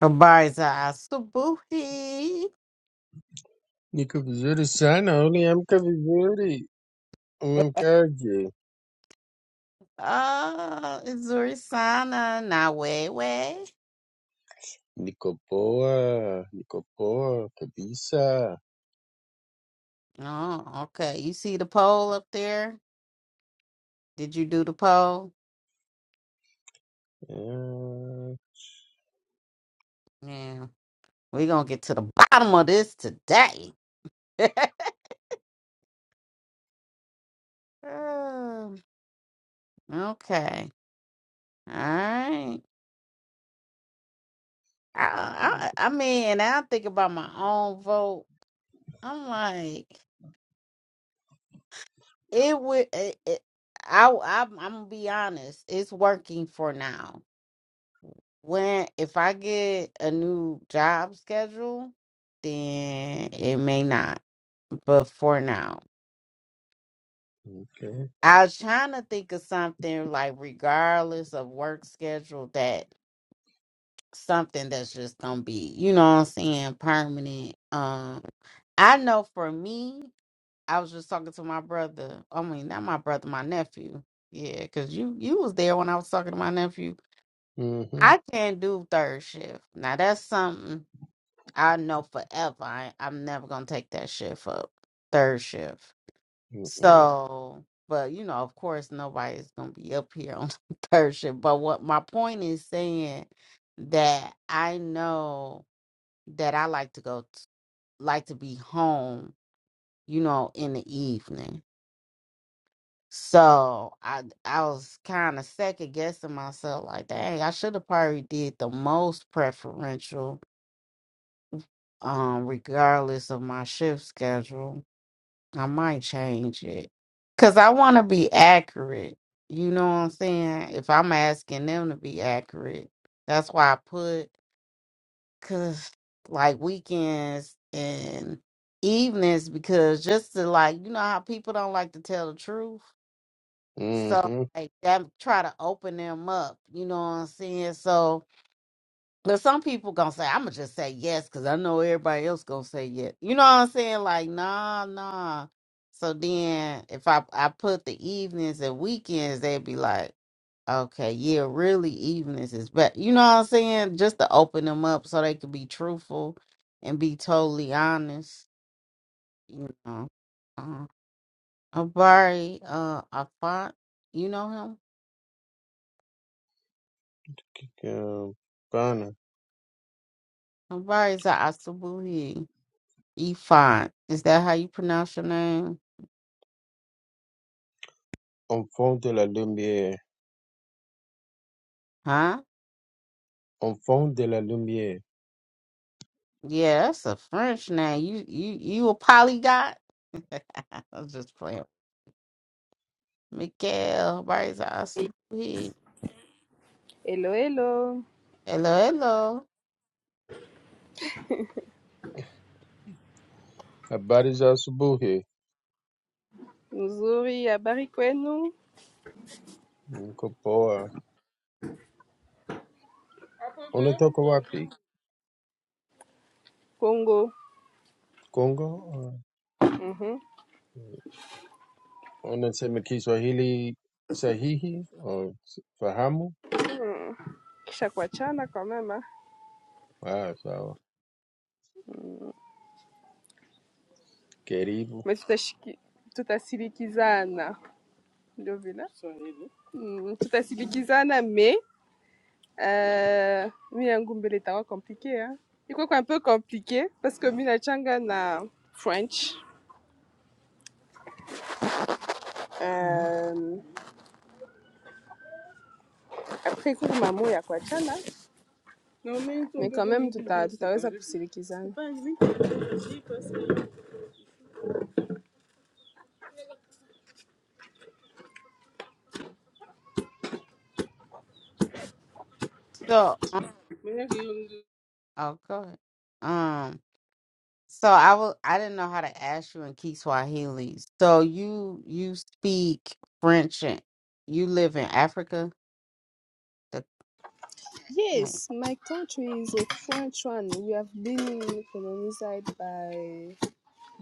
Abarza, Subuhi, Niko vizuri sana, uliamka vizuri, umemkaje? uh, Zurisana, Nawewe. Niko poa, niko poa kabisa. Oh, okay. You see the poll up there? Did you do the poll? Yeah, Yeah, we're gonna get to the bottom of this today. Um, okay, all right. I, I, I mean, and I think about my own vote. I'm like, it would. It, it, I, I'm, I'm gonna be honest. It's working for now when if I get a new job schedule, then it may not. But for now, okay. I was trying to think of something like regardless of work schedule that something that's just gonna be, you know what I'm saying, permanent. Um I know for me, I was just talking to my brother. I mean not my brother, my nephew. Yeah, because you you was there when I was talking to my nephew. Mhm, I can't do third shift. Now that's something I know forever I, I'm never gonna take that shift up, third shift. mhm, So, but you know, of course, nobody's gonna be up here on third shift. But what my point is saying that I know that I like to go, t- like to be home, you know, in the evening. So I I was kind of second guessing myself, like, dang, I should have probably did the most preferential, um, regardless of my shift schedule I might change it. Cause I want to be accurate. You know what I'm saying? If I'm asking them to be accurate, that's why I put cause like weekends and evenings because just to like you know how people don't like to tell the truth. So mhm. like that try to open them up. You know what I'm saying? So but some people gonna say, I'ma just say yes, cause I know everybody else gonna say yes. You know what I'm saying? Like, nah, nah. So then if I I put the evenings and weekends, they'd be like, Okay, yeah, really evenings is but you know what I'm saying? Just to open them up so they could be truthful and be totally honest, you know. Uh, Abari uh Afant, you know him? Kika- Bana, Abari is a Asabuhi. Efont. Is that how you pronounce your name? enfant de la lumière, Huh? enfant de la lumière. Yeah, that's a French name. You you you a polygot? I'm just playing. Miguel Barza Asubi. Hello, hello. Hello, hello. Habari za asubuhi, Nzuri, habari kwenu niko poa. Unatoka wapi? Kongo? Kongo? Mhm. Uh, Unasema Kiswahili sahihi? Oh, fahamu? Mm. Kisha kuachana kwa mema, Ah, sawa. Karibu. tutashiki tutasilikizana, ndio vile Swahili. Mm, tutasilikizana me uh, mi yangu mbele itakuwa komplike ha? iko kwa un peu compliqué parce que mi nachanga na French Niko Um, après kuna mambo ya kuachana Non, mais ils sont mais pas quand comme même ils tuta, c'est pas tutaweza juste. kusilikizana C'est pas juste que je dis parce So que. oh go ahead. Um so I will I didn't know how to ask you in Kiswahili. So you you speak French and you live in Africa? The okay. Yes, my country is a French one. We have been colonized by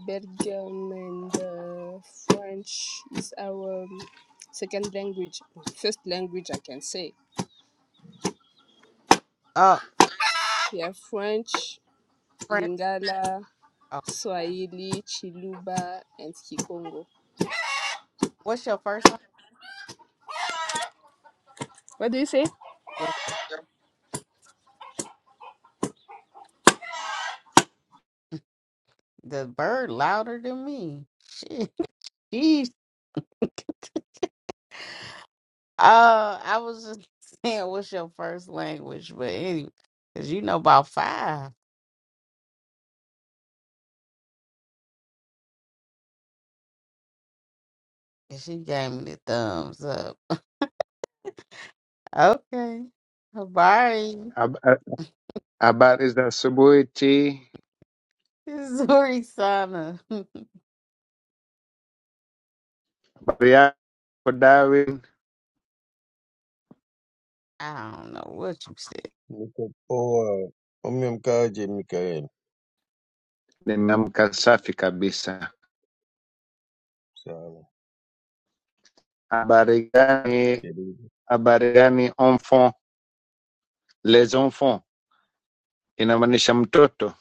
Belgium and uh, French is our um, second language, first language I can say. oh, We have French, French Lingala, oh, Swahili, Chiluba, and Kikongo. what's your first name? What do you say? Your, the bird louder than me. Shit. Jeez. Uh, I was just saying, what's your first language? But anyway, because you know about five. And she gave me the thumbs up. Okay. Habari. Hab- Habari za asubuhi. Zuri Sana. Habari yako Darwin? I don't know what you said. niko poa. Umemkaje Mikael? Nimeamka safi kabisa. Sawa. Habari gani? Karibu. Habari gani enfant? Les enfants inamaanisha mtoto.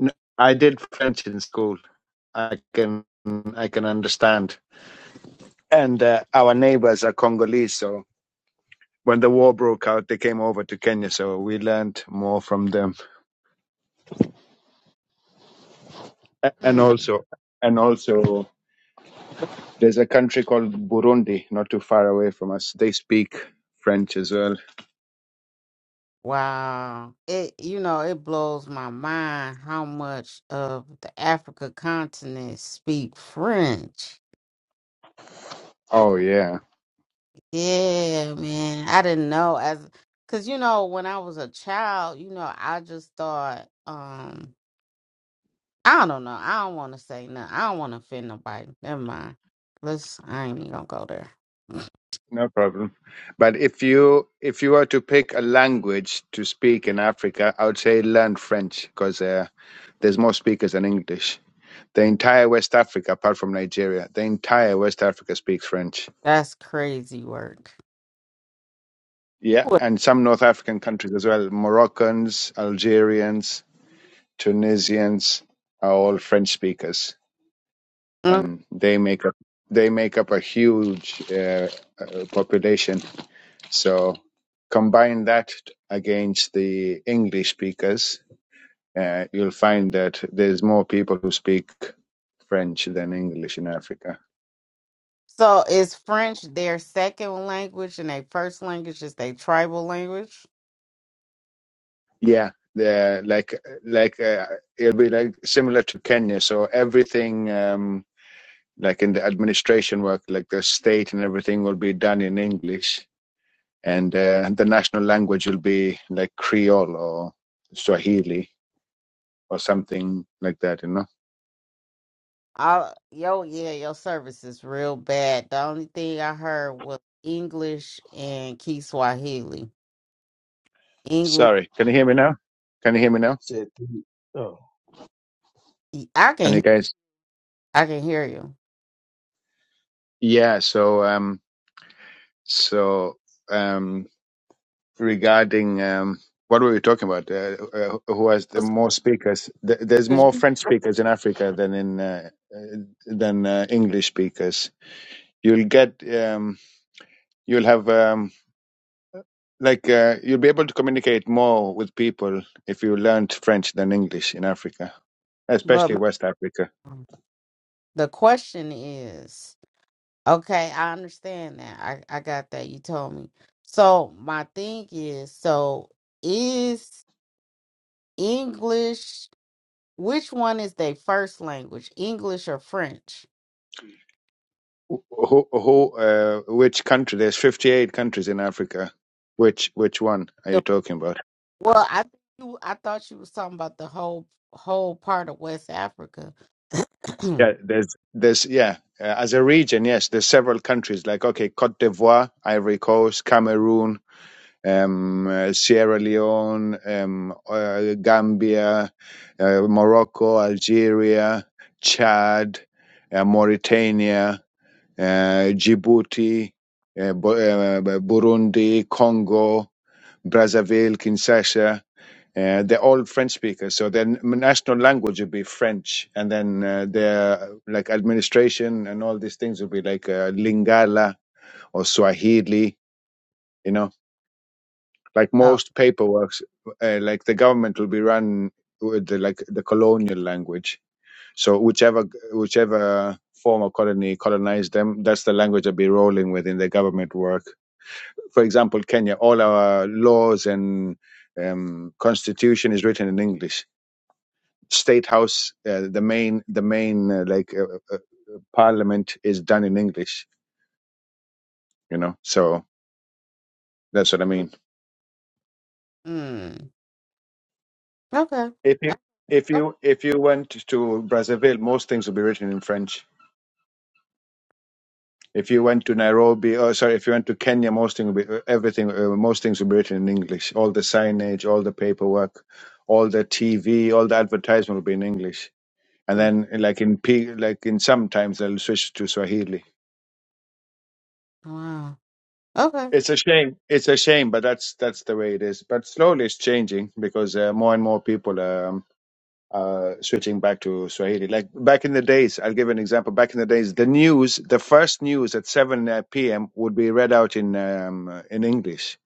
N- I did French in school. I can I can understand. And uh, our neighbors are Congolese, so when the war broke out, they came over to Kenya, so we learned more from them. A- And Mm, also, and also. There's a country called Burundi, not too far away from us. They speak French as well. wow. It, you know, it blows my mind how much of the Africa continent speak French. Oh yeah, Yeah, man. I didn't know as because you know when I was a child, you know, I just thought um I don't know. I don't want to say nothing. I don't want to offend nobody. Never mind. Let's I ain't even gonna go there. no problem. But if you if you were to pick a language to speak in Africa, I would say learn French because uh, there's more speakers than English. The entire West Africa, apart from Nigeria, the entire West Africa speaks French. That's crazy work. Yeah, What? and some North African countries as well. Moroccans, Algerians, Tunisians are all French speakers. Mm. and they make up they make up a huge uh, uh, population. So combine that against the English speakers, uh, you'll find that there's more people who speak French than English in Africa. So is French their second language and their first language is their tribal language? Yeah, they're like like uh, it'll be like similar to Kenya. So everything. Um, like in the administration work, like the state and everything will be done in English and uh, the national language will be like Creole or Swahili or something like that. You know. I, yo, yeah, your service is real bad. The only thing I heard was English and Kiswahili. Sorry, can you hear me now? Can you hear me now? Said three. Oh, I Can can you hear- guys? I can hear you. Yeah. So um, so um, regarding um, what were we talking about? Uh, uh, who has I the more speakers? Th- There's was- more French speakers in Africa than in uh, uh, than uh, English speakers. You'll get um, you'll have um, like uh, you'll be able to communicate more with people if you learned French than English in Africa, But especially my, West Africa. the question is, okay, I understand that. I, I got that. You told me. So my thing is, so is English which one is their first language, English or French? Wh- Who, who, uh, which country? There's 58 countries in Africa. Which, which one are you The, talking about? well, I think you I thought you was talking about the whole whole part of West Africa. oh, Yeah, there's, there's, yeah. Uh, as a region, yes, there's several countries like okay, Cote d'Ivoire, Ivory Coast, Cameroon, um, uh, Sierra Leone, um, uh, Gambia, uh, Morocco, Algeria, Chad, uh, Mauritania, uh, Djibouti, uh, Bu- uh, Burundi, Congo, Brazzaville, Kinshasa. Uh, they're all French speakers, so their n- national language would be French, and then uh, their like administration and all these things would be like uh, Lingala or Swahili, you know like most paperwork, uh, like the government will be run with the, like the colonial language. So whichever whichever former colony colonized them, that's the language they'll be rolling with in their government work. For example, Kenya, all our laws and um, constitution is written in English. State House, uh, the main the main uh, like uh, uh, parliament is done in English. You know, so that's what I mm, mean. mm. okay. If you Uh, if uh, you if you went to Brazzaville, most things will be written in French If you went to Nairobi, or sorry, if you went to Kenya, most thing will be, uh, everything, uh, most things will be written in English. All the signage, all the paperwork, all the TV, all the advertisement will be in English. And mm. then, like in P, like in sometimes they'll switch to Swahili. Wow. Okay. It's a shame. It's a shame, but that's that's the way it is. But slowly it's changing because uh, more and more people are. uh, switching back to Swahili. Like back in the days, I'll give an example. Back in the days, the news, the first news at 7 uh, p.m. would be read out in um, uh, in English,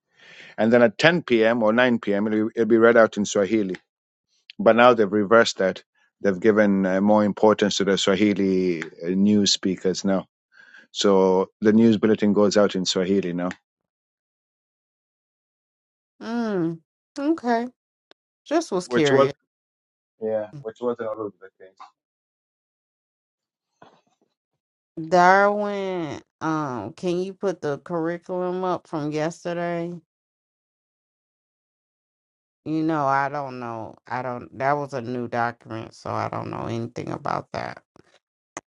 and then at 10 p.m. or 9 p.m. It'll, it'll be read out in Swahili. But now they've reversed that. They've given uh, more importance to the Swahili uh, news speakers now. So the news bulletin goes out in Swahili now, Mm, okay. Just was which was curious. yeah, which wasn't always the case. Darwin, um, can you put the curriculum up from yesterday? You know, I don't know. I don't, that was a new document, so I don't know anything about that.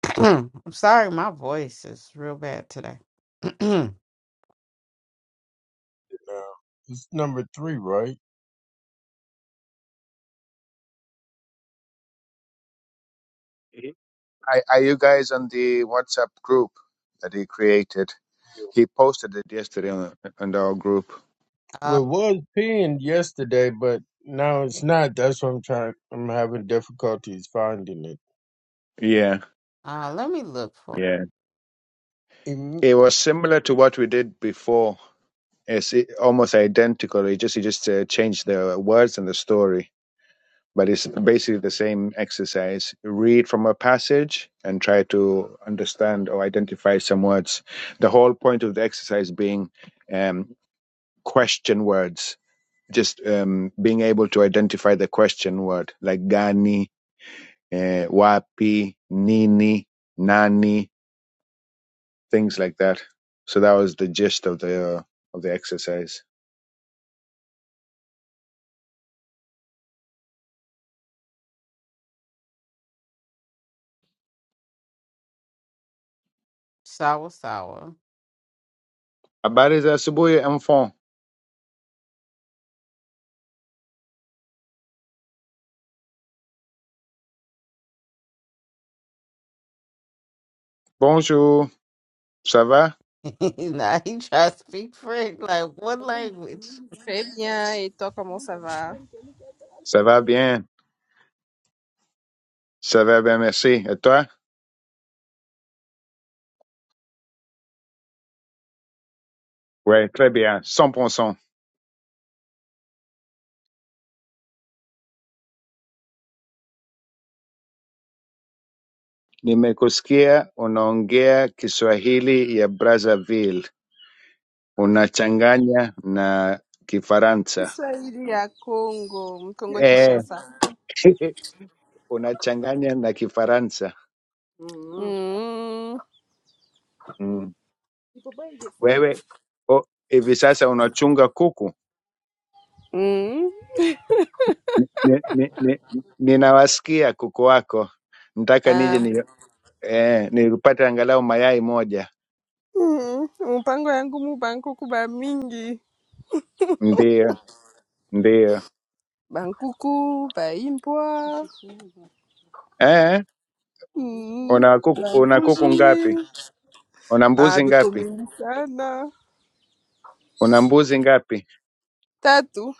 I'm sorry, my voice is real bad today. no. It's number three, right? Mhm. Are, are you guys on the WhatsApp group that he created? Yeah. He posted it yesterday on, on our group. uh, uh, Well, it was pinned yesterday, but now it's not. That's why I'm trying. I'm having difficulties finding it. Yeah, let me look for yeah. Im- It was similar to what we did before. It's i- almost identical. It just you just uh, changed the words and the story, but it's basically the same exercise. Read from a passage and try to understand or identify some words. The whole point of the exercise being um, question words. Just um, being able to identify the question word, like gani, uh, wapi, nini, nani, things like that. So that was the gist of the uh, of the exercise. sour sour. Habari za asubuhi, enfant. Bonjour. Ça va? now he tries to speak French. Like, what language? Très bien, et toi comment ça va? Ça va bien. Ça va bien, merci. Et toi? Oui, très bien. 100%. Nimekusikia unaongea Kiswahili ya Brazzaville. Unachanganya na Kifaransa. Kiswahili ya Congo, Mkongo Eh, Kishasa. unachanganya na Kifaransa. Mm. Mm. Mm. Iko bwede sana Wewe o, hivi sasa unachunga kuku? eh? ni- ni- ni- ninawasikia kuku wako, nataka Mm. nije ni, eh, nipate angalau mayai moja. Mm, mupango yangu mu bankuku ba mingi Ndio, ndio. bankuku baimbwa Eh, mm, una kuku, una kuku bambuzi ngapi? Una ah, mbuzi biko ngapi? mingi sana Una mbuzi ngapi? tatu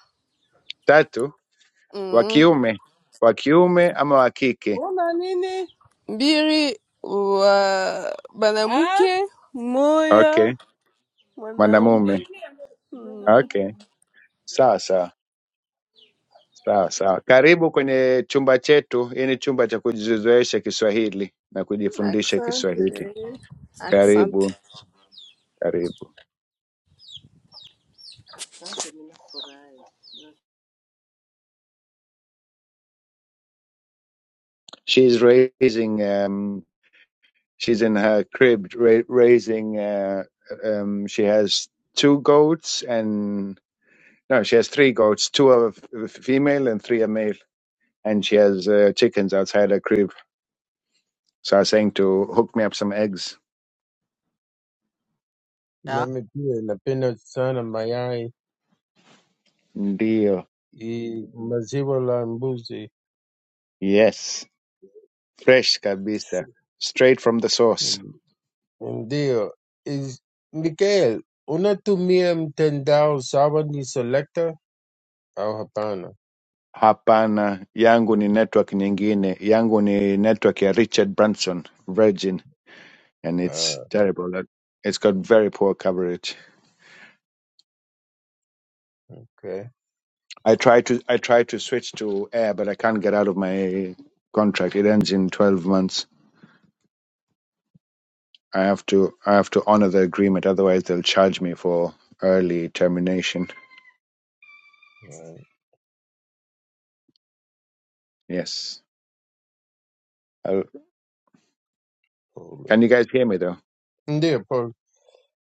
Tatu. Wa mm. kiume, wa kiume ama wa kike? una nini mbili wa banamuke moya Okay, mwanaume mwanamume. mm. Okay, sawa sawa. Sawa sawa, karibu kwenye chumba chetu. Hii ni chumba cha kujizoesha Kiswahili na kujifundisha Kiswahili. Asante, asante. Karibu, karibu. she's raising um she's in her crib ra- raising uh, um she has two goats and no she has three goats two are f- f- female and three are male and she has uh, chickens outside her crib so i was saying to hook me up some eggs na Yeah. pia napenda sana mayai deal i maziwa la mbuzi. yes fresh kabisa straight from the source Mm, Ndio. Is Mikael, unatumia mtandao sawa ni selector au hapana? hapana yangu ni network nyingine yangu ni network ya richard branson Virgin. and it's terrible. that It's got very poor coverage. Okay. I try to I try to switch to air, but I can't get out of my contract. It ends in twelve months. I have to I have to honor the agreement, otherwise they'll charge me for early termination. Yes. I'll, can Alright. you guys hear me though? Ndipo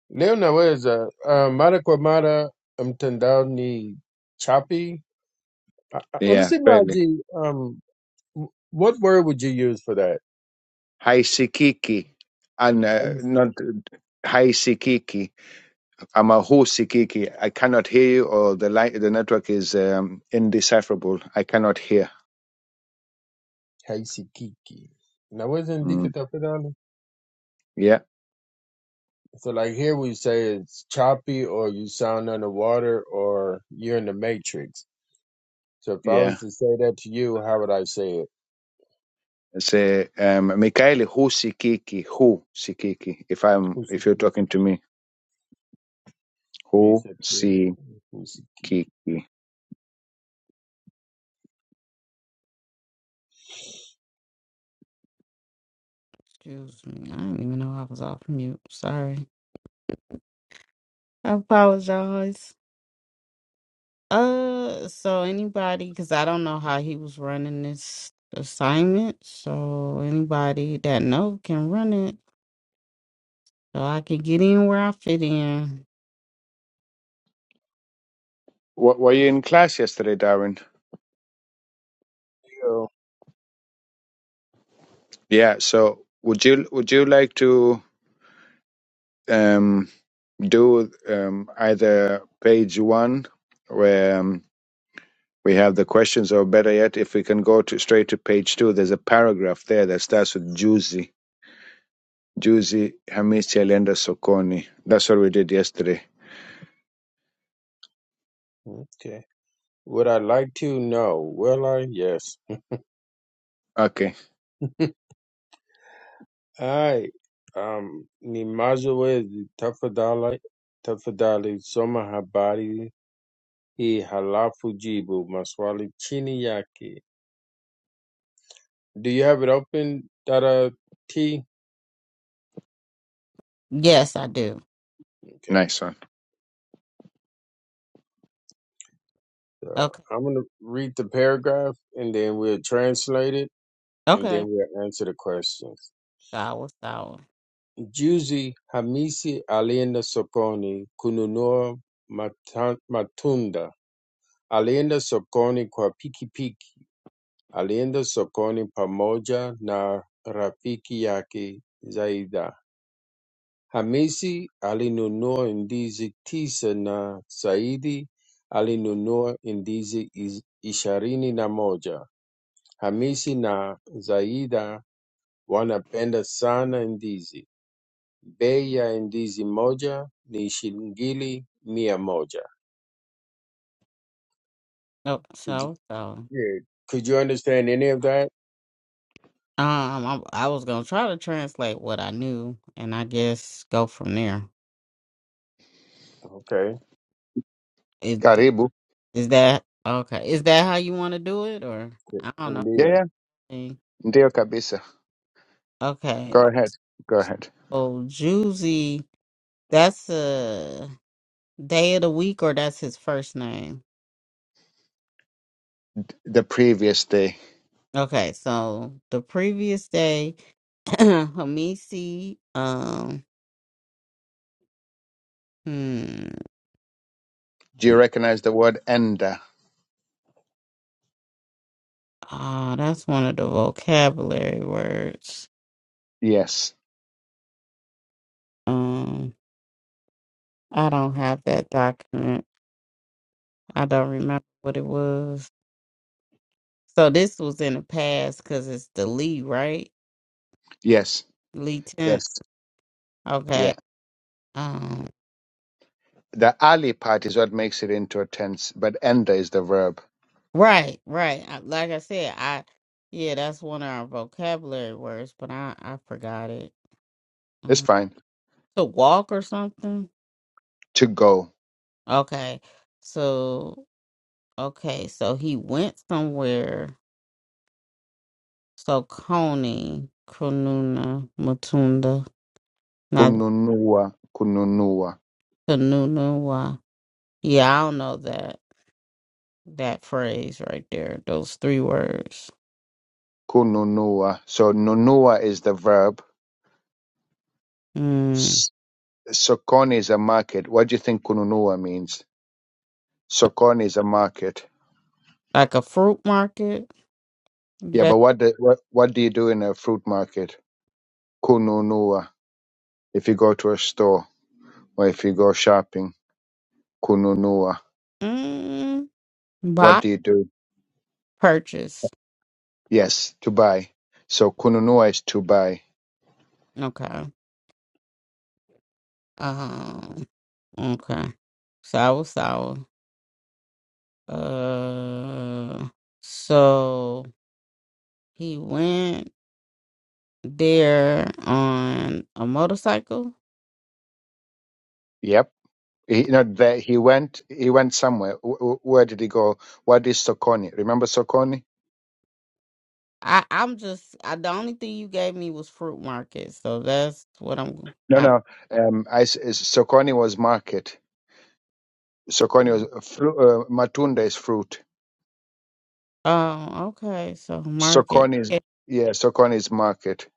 leo naweza uh, mara kwa mara mtandaoni chapi. Uh, uh, Yeah, Unasema barely. aje, um, w- what word would you use for that? Hi Sikiki, and uh, Hais- not Hi Sikiki. I'm a who Sikiki. I cannot hear you, or the light, the network is um, indecipherable. I cannot hear. Haisikiki. Naweza andika Mm. tafadhali? Yeah. So like here we say it's choppy or you sound underwater or you're in the matrix. So if I Yeah. was to say that to you, how would I say it? Say um Mikhail who sikiki who sikiki if I'm if you're Haisikiki. talking to me You who said, "Yeah, sikiki haisikiki." Excuse me. I didn't even know I was off mute. Sorry. I apologize. Uh, so anybody, because I don't know how he was running this assignment, so anybody that know can run it, so I can get in where I fit in. W- were you in class yesterday Darwin yeah so would you would you like to um do um either page 1 where um, we have the questions or better yet if we can go to straight to page 2 there's a paragraph there that starts with juzi juzi hamisi alienda sokoni that's what we did yesterday Would I like to? No. Will I? Yes. okay I um Nimazowe tafadhali tafadhali soma habari hii halafu jibu maswali chini yake. Do you have it open, Dada T? Yes, I do. Okay. nice one So Okay, I'm gonna read the paragraph and then we'll translate it and then okay. we'll answer the questions. Sour, sour. Juzi Hamisi alienda sokoni kununua mata- matunda Alienda sokoni kwa pikipiki. Alienda sokoni pamoja na rafiki yake Zaida. Hamisi alinunua ndizi tisa na Saidi alinunua ndizi is- ishirini na moja. Hamisi na Zaida wanapenda sana ndizi. Bei ya ndizi moja ni shilingi mia moja. Oh, Could sour, sour. you, could you understand any of that? Um, I, I was gonna try to translate what I knew, and I guess go from there. Okay. Is Karibu. is that okay? Is that how you want to do it, or I don't Yeah, Ndiyo. yeah. know? Ndio kabisa. Go Okay. ahead. Go ahead. So Juicy, that's a. day of the week or that's his first name. The previous day. Okay, so the previous day, Hamisi, um, hmm, Do you recognize the word enda? ah, that's one of the vocabulary words. Yes. Um, I don't have that document. I don't remember what it was. So this was in the past because it's the Lee, right? Yes. Lee tent. Yes. Okay. Yeah. Um, The ali part is what makes it into a tense, but enda is the verb. right, right. I- Like I said, I, yeah, that's one of our vocabulary words, but I, I forgot it. It's fine. to walk or something? To go. Okay. So okay, so he went somewhere. So Coney, Kununa, Matunda, not Kununua. Kununua. Kununa. Why? Yeah, I don't know that that phrase right there. Those three words. Kununua. So nunua is the verb. Mm, S- Sokoni is a market. What do you think kununua means? Sokoni is a market. like a fruit market. Yeah, That but what, do, what what do you do in a fruit market? Kununua. If you go to a store or if you go shopping, kununua. mm, What buy do you do? purchase. Yes, to buy. So kununua is to buy. Okay. Um. Okay. Sour sour. Uh. So. He went there on a motorcycle. Yep. He, not there. He went. He went somewhere. W- w- where did he go? What is sokoni? Remember sokoni? I, I'm just I, the only thing you gave me was fruit market, so that's what I'm. No, I, no. Um, I, s- is- sokoni was market. Sokoni was fru- uh, matunda is fruit. oh, okay. So market. Sokoni is yeah, yeah. Sokoni is market.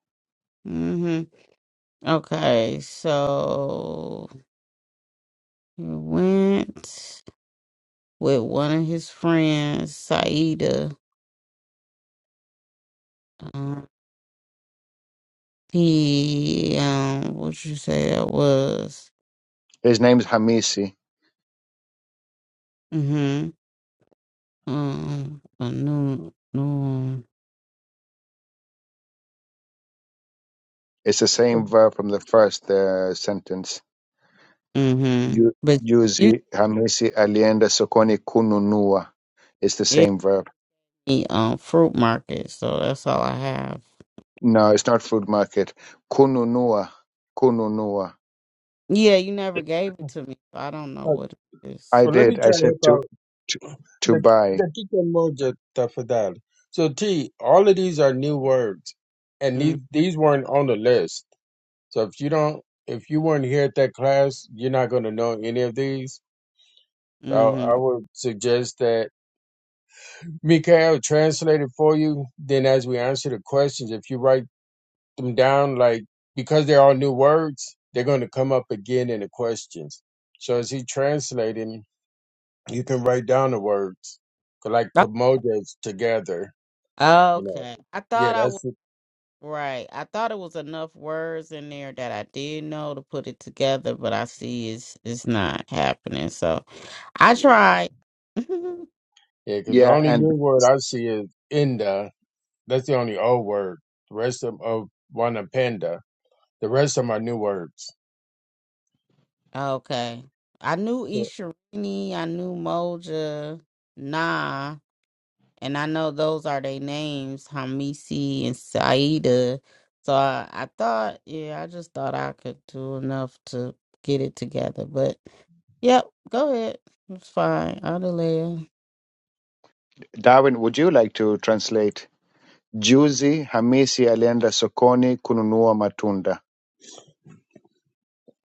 Mm-hmm. Okay, so he went with one of his friends, Saida. Uh, he um, what you say that was? His name's Hamisi. Mm-hmm. Um, a new, new. It's the same verb from the first uh, sentence. Mm-hmm. Ju- But you Juzi Hamisi alienda sokoni kununua. It's the gave same verb. me um fruit market, so that's all I have. No, it's not food market. Kununua, kununua. Yeah, you never gave it to me, so I don't know what it is. I Well, let me did. I try said to help to out. to, to The buy. dakika moja tafadhali. So T, all of these are new words, and these Mm, these weren't on the list. So if you don't, if you weren't here at that class, you're not going to know any of these. So I Mm-hmm. would suggest that Mikael translate it for you. Then, as we answer the questions, if you write them down, like because they're all new words, they're going to come up again in the questions. So as he translating, You can write down the words, 'cause like pomodes together. Oh, You know, Okay. I yeah, thought I was that's it. right. I thought it was enough words in there that I did know to put it together, but I see it's it's not happening. So I yeah, tried. yeah. Because the Yeah, only and new word I see is inda. That's the only old word. The rest of 'em- of one of panda. The rest of them are new words. okay. I knew So, Isharini, I knew Moja, Nah. and I know those are their names, Hamisi and Saida. So I, I thought, yeah, I just thought I could do enough to get it together. But yep, go ahead. It's fine. I'll delay it. Darwin, would you like to translate? Juzi Hamisi alienda sokoni kununua matunda.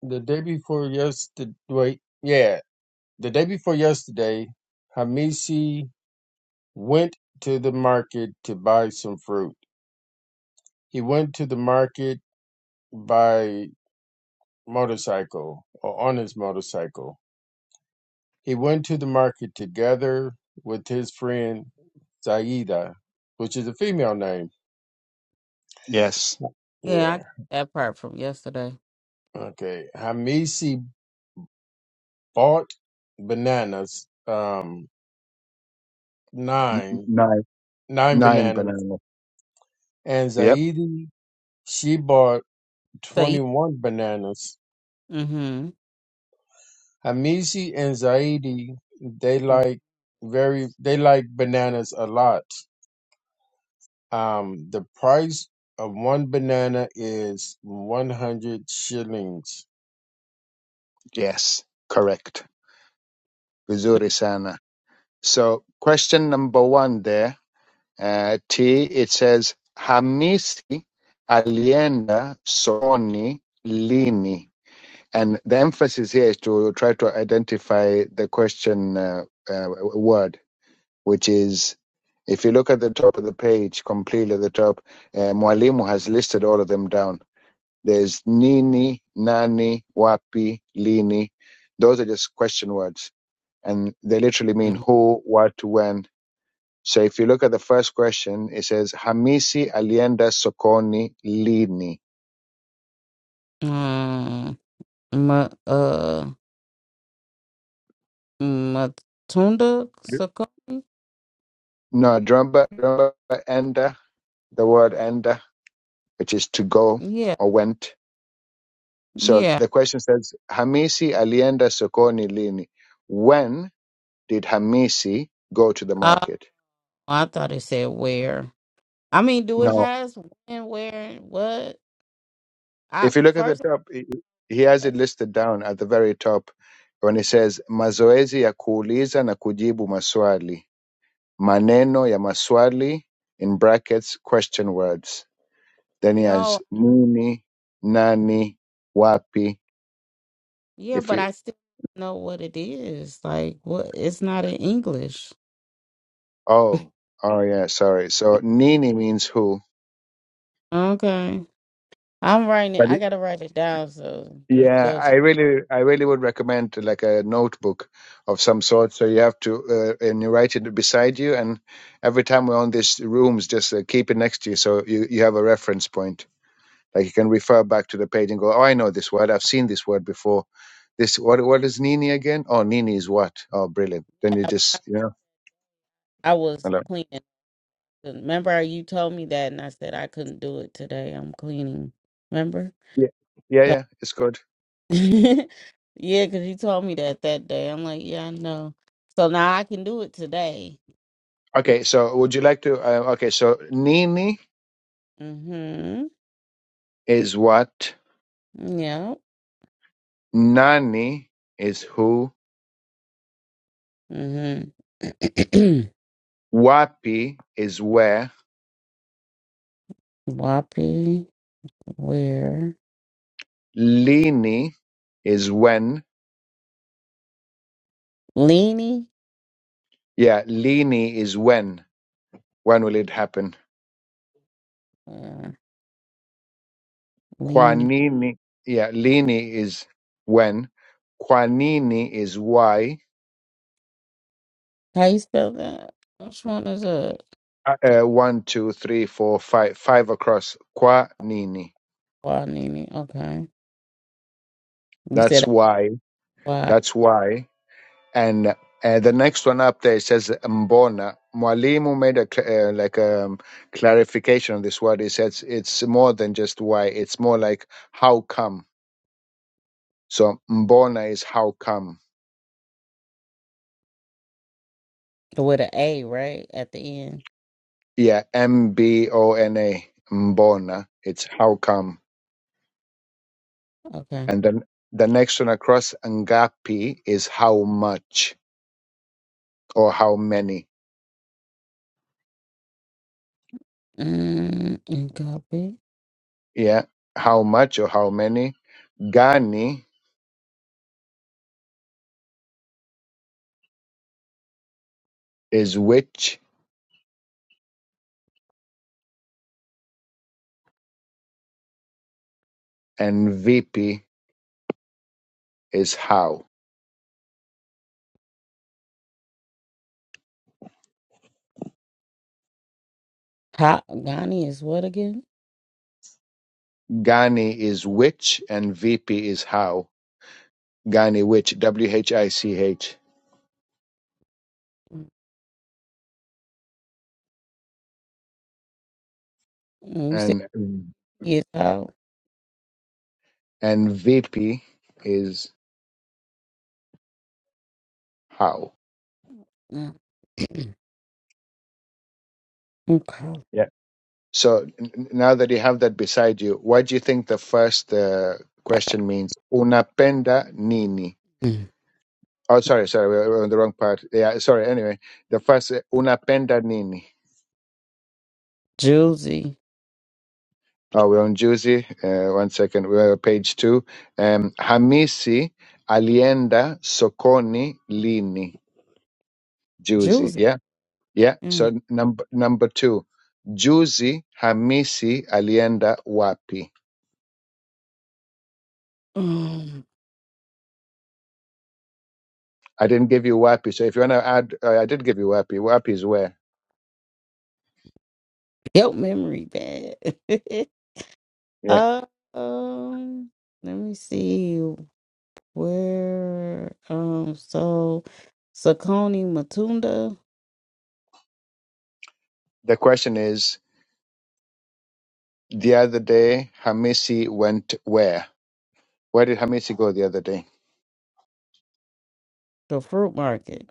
The day before yesterday, wait, yeah, the day before yesterday, Hamisi went to the market to buy some fruit. He went to the market by motorcycle or on his motorcycle. He went to the market together with his friend Zaida, which is a female name. Yes. Yeah, I Yeah. got that part from yesterday. Okay. Hamisi bought bananas, um, N- n- nine, nine nine nine bananas, banana. and Yep. Zaidi, she bought Saida. 21 bananas. Mm-hmm. Hamisi and Zaidi, they like very, they like bananas a lot. Um, the price of one banana is 100 shillings Yes. Correct. Vizuri sana. So question number one there Uh, T, it says Hamisi, alienda, soni, lini. And the emphasis here is to try to identify the question uh, uh, word, which is, if you look at the top of the page, completely at the top, uh, Mwalimu has listed all of them down. There's nini, nani, wapi, lini. Those are just question words. And they literally mean Mm-hmm. who, what, when, so if you look at the first question, it says Hamisi alienda sokoni lini. Um, Ma, uh, Matunda Sakoni? No, drumba, drumba enda, the word enda, which is to go Yeah, or went. So yeah. the question says, Hamisi alienda sokoni lini? When did Hamisi go to the Uh, market? I thought it said where. I mean, do it No. has when, where, and what? I If you look at the first top, he he has it listed down at the very top when it says mazoezi ya kuuliza na kujibu maswali. maneno ya maswali in brackets question words then he no, has nini nani wapi yeah, if but you I still know what it is. Like what it's not in English. oh oh yeah sorry so nini means who Okay. I'm writing it but I it, gotta write it down so just yeah go i really i really would recommend like a notebook of some sort so you have to uh, and you write it beside you and every time we're on these rooms just uh, keep it next to you so you, you have a reference point Like you can refer back to the page and go, oh, I know this word. I've seen this word before. This what what is Nini again? Oh, Nini is what? Oh, brilliant. Then you just you know, I was hello. cleaning. Remember how you told me that and I said I couldn't do it today. I'm cleaning. Remember? Yeah, yeah, So- yeah. It's good. yeah, because you told me that that day. I'm like, yeah, I know. So now I can do it today. Okay, so would you like to? Uh, okay, so Nini Mm-hmm. is what? Yeah. Nani is who? Mm-hmm. Wapi is where? Whoppy. Where? Lini is when? Lini, Yeah, Lini is when. When will it happen? Uh, Kwa lean. nini, yeah, lini is when. Kwa nini is why. How you spell that? Which one is a Uh, one, two, three, four, five, five across. Kwa nini. why Nene? Okay. You That's said why. why That's why. And uh, the next one up there it says mbona. Mwalimu made a cl- uh, like a um, clarification on this word. He says it's more than just why. It's more like how come. So mbona is how come. with an A, right? At the end. Yeah, M B O N A. Mbona. It's how come. Okay. And then the next one across Ngapi is how much or how many. Mm, and copy. Yeah. How much or how many. Gani is which and VP is how. How Ghani is what again? Gani is which and VP is how. Gani which W H I C H Mm, You said and he is how? and VP is how. Mm. okay. Yeah. So n- n- now that you have that beside you, what do you think the first uh, question means? Unapenda nini? Mm. Oh, sorry, sorry, we're we're on the wrong part. Yeah, sorry. Anyway, the first uh, Una penda nini? Juicy. Oh, we're on Juzi. Uh, one second, we're on page two. Um, Hamisi alienda sokoni lini? Juzi. Juicy. Yeah, yeah. Mm. So number number two, Juzi Hamisi alienda wapi? Um, I didn't give you wapi. So if you want to add, uh, I did give you wapi. Wapi is where. guilt memory bad. Yeah. uh, um, let me see. Where um so Saucony Matunda, The question is, the other day Hamisi went where? Where did Hamisi go the other day? the fruit market.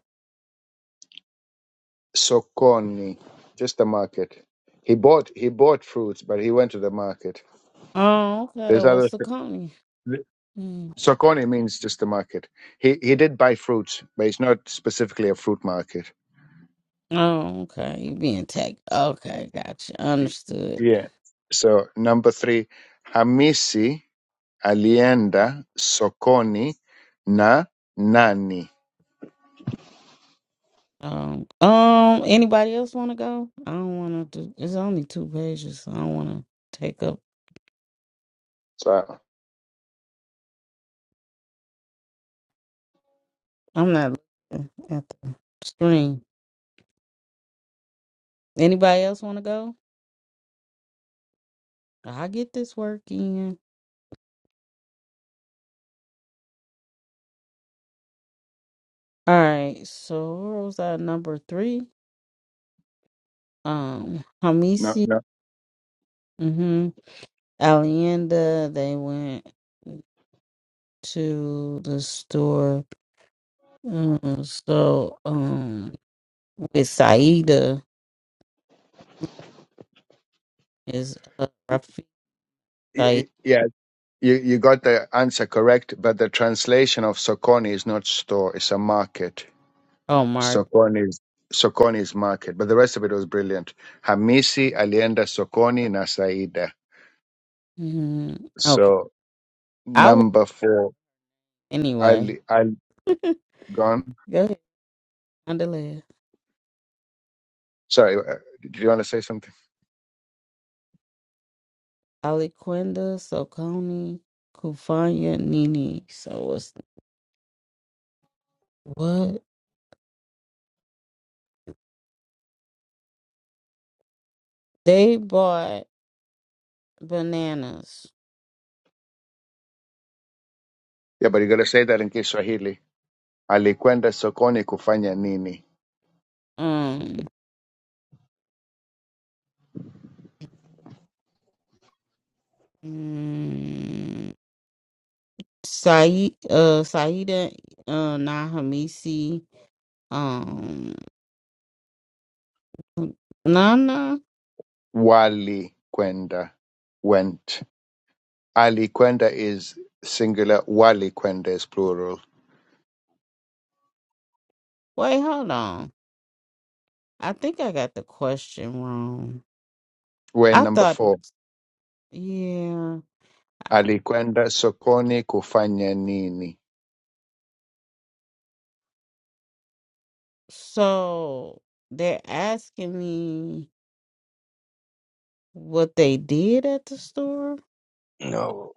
Sokoni, just the market. He bought he bought fruits, but he went to the market. Oh, okay. There's Well other Saucony. Hmm. Sokoni means just the market. He he did buy fruits, but it's not specifically a fruit market. Oh, okay. You being tagged. Okay, gotcha. Understood. Yeah. So number three, Hamisi alienda sokoni na nani. Um um anybody else wanna go? I don't wanna do it's only two pages, so I don't wanna take up So I'm not looking at the screen. Anybody else wanna go? I get this work in. All right, so where was I number three? Um Hamisi no no. Mm-hmm. Alienda, they went to the store. Mm, so, um, with Saida is uh, Rafi Y- Said. y- Yeah, you, you got the answer correct, but the translation of sokoni is not store; it's a market. Oh, Mark. Sokoni's Sokoni's market, but the rest of it was brilliant. Hamisi alienda Sokoni na Saida. hmm Okay. So I would number four, anyway. Ali Ali gone. Go ahead. Andale. Sorry, uh, did you want to say something? Aliquenda, Soconi, Kufanya, Nini. So what's what they bought bananas. Yeah, but you got to say that in Kiswahili. Alikwenda Sokoni kufanya nini? Um. mm, Said, uh, Saida, uh, Nahamisi, um, Nana. Wali kwenda went. Ali kwenda is singular. Wali kwenda is plural. Wait, hold on. I think I got the question wrong. We're in I number thought, it- four. yeah. Ali kwenda Sokoni kufanya nini? So they're asking me what they did at the store. No.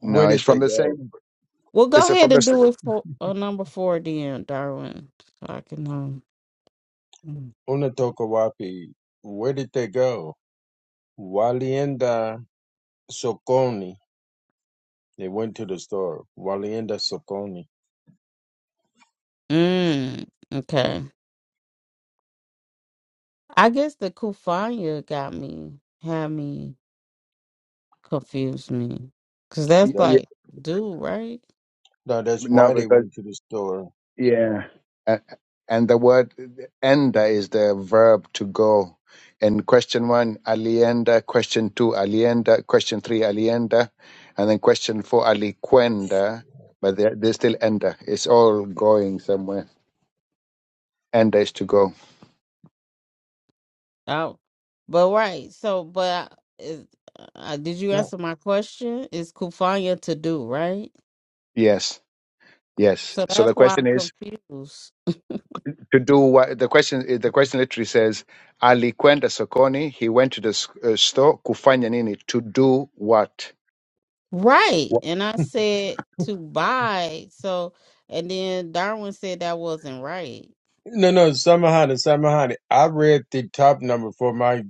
Where No, it's did they from the go? same. Well, go Is it from ahead and the? do it for uh, number four, then, Darwin, so I can um. Mm, Unatokawapi, where did they go? Walienda Sokoni. They went to the store. Walienda Sokoni. Mm, okay. I guess the Kufanya got me, had me. confused me because that's Y- That, y- like dude right no, that's No, why they because went to the store. yeah, A- and the word enda is the verb to go. In question one, alienda. Question two, alienda. Question three, alienda, and then question four, aliquenda. But they're, they're still enda. It's all going somewhere. Enda is to go. out but right so but I- is, uh, did you No, answer my question is kufanya to do right Yes, yes. so So that's the why i'm question is confused to do what? The question the question literally says aliquenda sokoni. He went to the s- uh, store. Kufanya nini? To do what? right What? and i said to buy so and then darwin said that wasn't right no, no Samahani, Samahani. I read the top number for my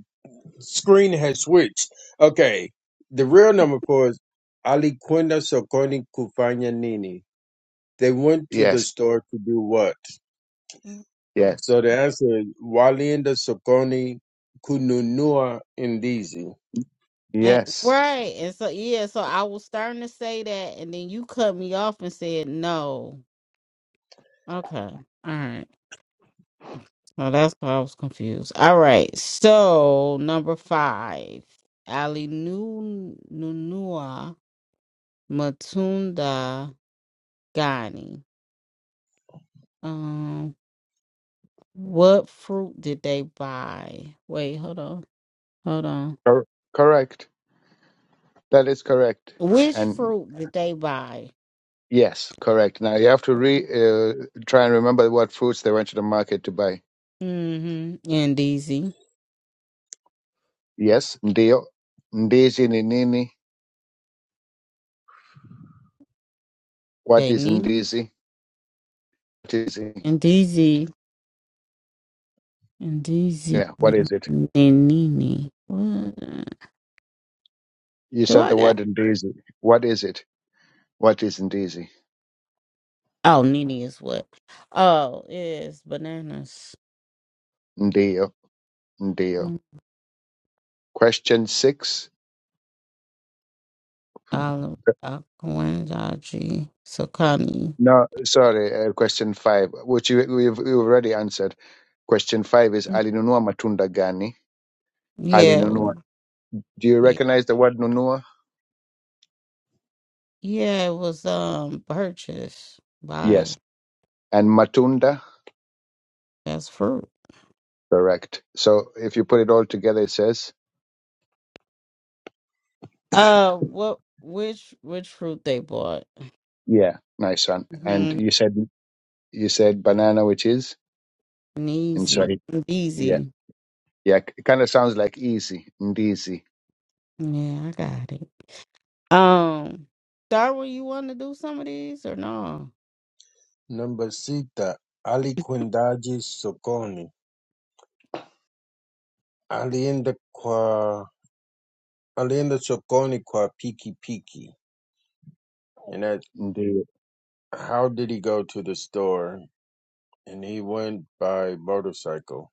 screen has switched. Okay. The real number four is Aliquenda Sokoni Kufanya Nini. They went to the Yes. store to do what? Yes. So the answer is Walinda Sokoni Kununua Indizi. and, Yes. right and so yeah so i was starting to say that and then you cut me off and said no okay all right Well, that's why I was confused. All right. So number five, Ali Nu Nunua Matunda Gani. Um, what fruit did they buy? Wait, hold on, hold on. Cor- correct. That is correct. Which And fruit did they buy? yes, correct. Now you have to re uh, try and remember what fruits they went to the market to buy. Mm-hmm. And DZ, Yes, ndio. Ndizi ni nini? What they is Nini, ndizi? What is it? and DZ, and DZ, Yeah, what is it? Nini. What? You Do said I the got? word ndizi. What is it? What is ndizi? Oh, Nini is what? Oh, is bananas, Ndio. Ndio. Mm. Question six. olive, Akwandaji, Sokani. No, sorry. Uh, question five, which you, we've, we've already answered. Question five is alinunua matunda gani? Ali Yeah, Nunua. we- Do you yeah, recognize the word Nunua? yeah. It was um purchased by Yes. And Matunda? that's fruit. Correct. So if you put it all together, it says, Uh, what? Which which fruit they bought? yeah, nice one. And Mm-hmm. you said, you said banana, which is in Easy, Swahili. Yeah. easy. Yeah. It kind of sounds like easy. Ndizi. Yeah, I got it. Um, Darwin, you want to do some of these or no? Namba sita, alikwendaje sokoni? Alienda kwa alienda sokoni kwa piki piki. And that Ndizi. how did he go to the store? And he went by motorcycle.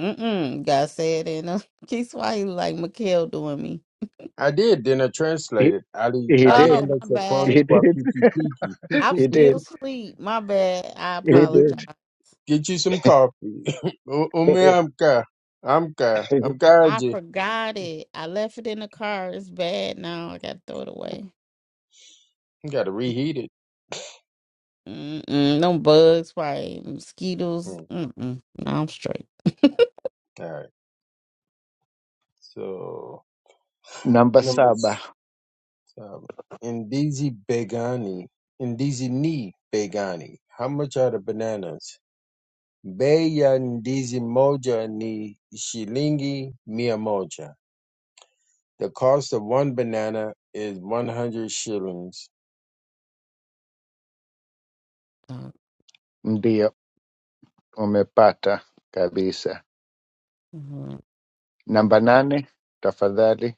Mm mm. Gotta say it in a Kiswahili like Mikhail doing me. I did, then I He, translated. Ali he Oh, did. alienda my sokoni bad. He kwa did. piki piki. I'm he still did. asleep. My bad. I Go He get, apologize. did. get you some coffee. U- Umeamka. Amka. I Amkaje. forgot it. I left it in the car. It's bad now. I gotta throw it away. You gotta reheat it. Mm-mm. No bugs, probably mosquitoes. Mm, Mm-mm. No, I'm straight. all right. So Namba number saba. seven. Ndizi Begani. Ndizi ni Begani. How much are the bananas? Bei ya ndizi moja ni shilingi mia moja. The cost of one banana is 100 shillings. Uh, Ndio. Umepata kabisa. mhm. Namba nane. Tafadhali.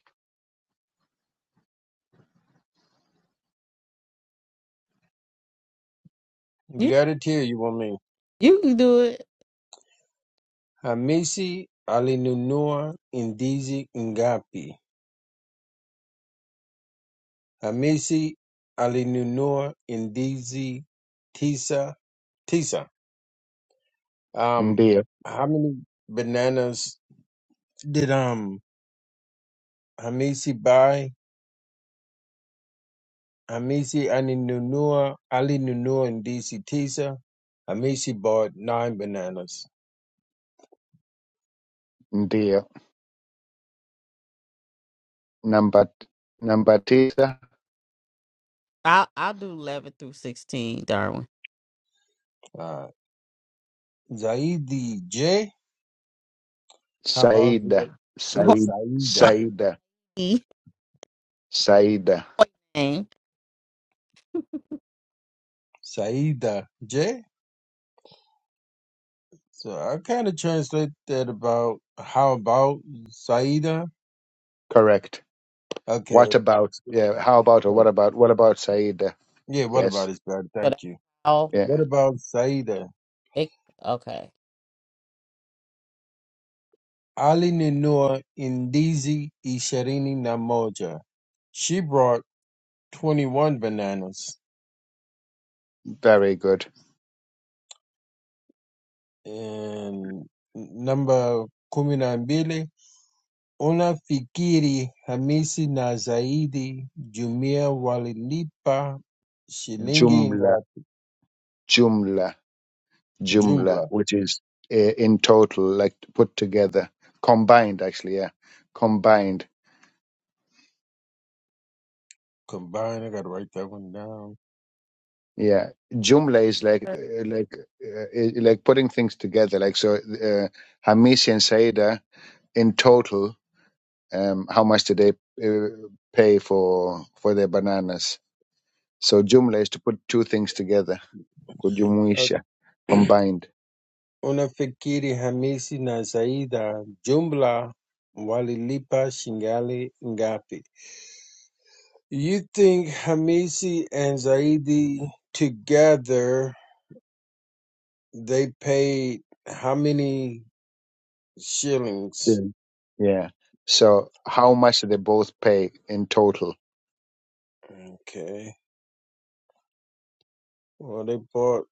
You You got it here, you want me? you can do it. Hamisi alinunua ndizi ngapi? Hamisi alinunua ndizi tisa. Tisa. Um, Ndio. how many bananas did um Hamisi buy? Hamisi Ali Nunua, Ali Nunua, and DC Tisa. Hamisi bought nine bananas. Ndio. Namba, namba tisa, I'll I'll do eleven through sixteen, Darwin. Uh, Zaidi J. How about Saida. that? What Said, Saida? Saida. the Saida. fuck, man? Saida J. So I kind of translate that about how about Saida? Correct. Okay. What about, yeah, how about, or Hey, what about, what about Saida? Yeah. What Yes. about is better? So that's Thank you. all. What Yeah. about Saida? It, okay. alinunua ndizi ishirini na moja. She brought 21 bananas Very good. and namba kumi na mbili unafikiri Hamisi na Zaidi Jumia walilipa shilingi Jumla, ngapi Jumla, Jumla, jumla? which is uh, in total, like put together, combined, actually. Yeah. Combined. Combined, I gotta write that one down. Yeah. Jumla is like, uh, like, uh, like putting things together. Like, so, uh, Hamisi and Saida in total um, how much do they uh, pay for for their bananas? So Joomla is to put two things together, Uh, kujumuisha, combined. unafikiri Hamisi na Zaida jumla walilipa shingali ngapi? You think Hamisi and Zaidi together they paid how many shillings? Mm. Yeah. So how much they both pay in total? Okay. Well, they bought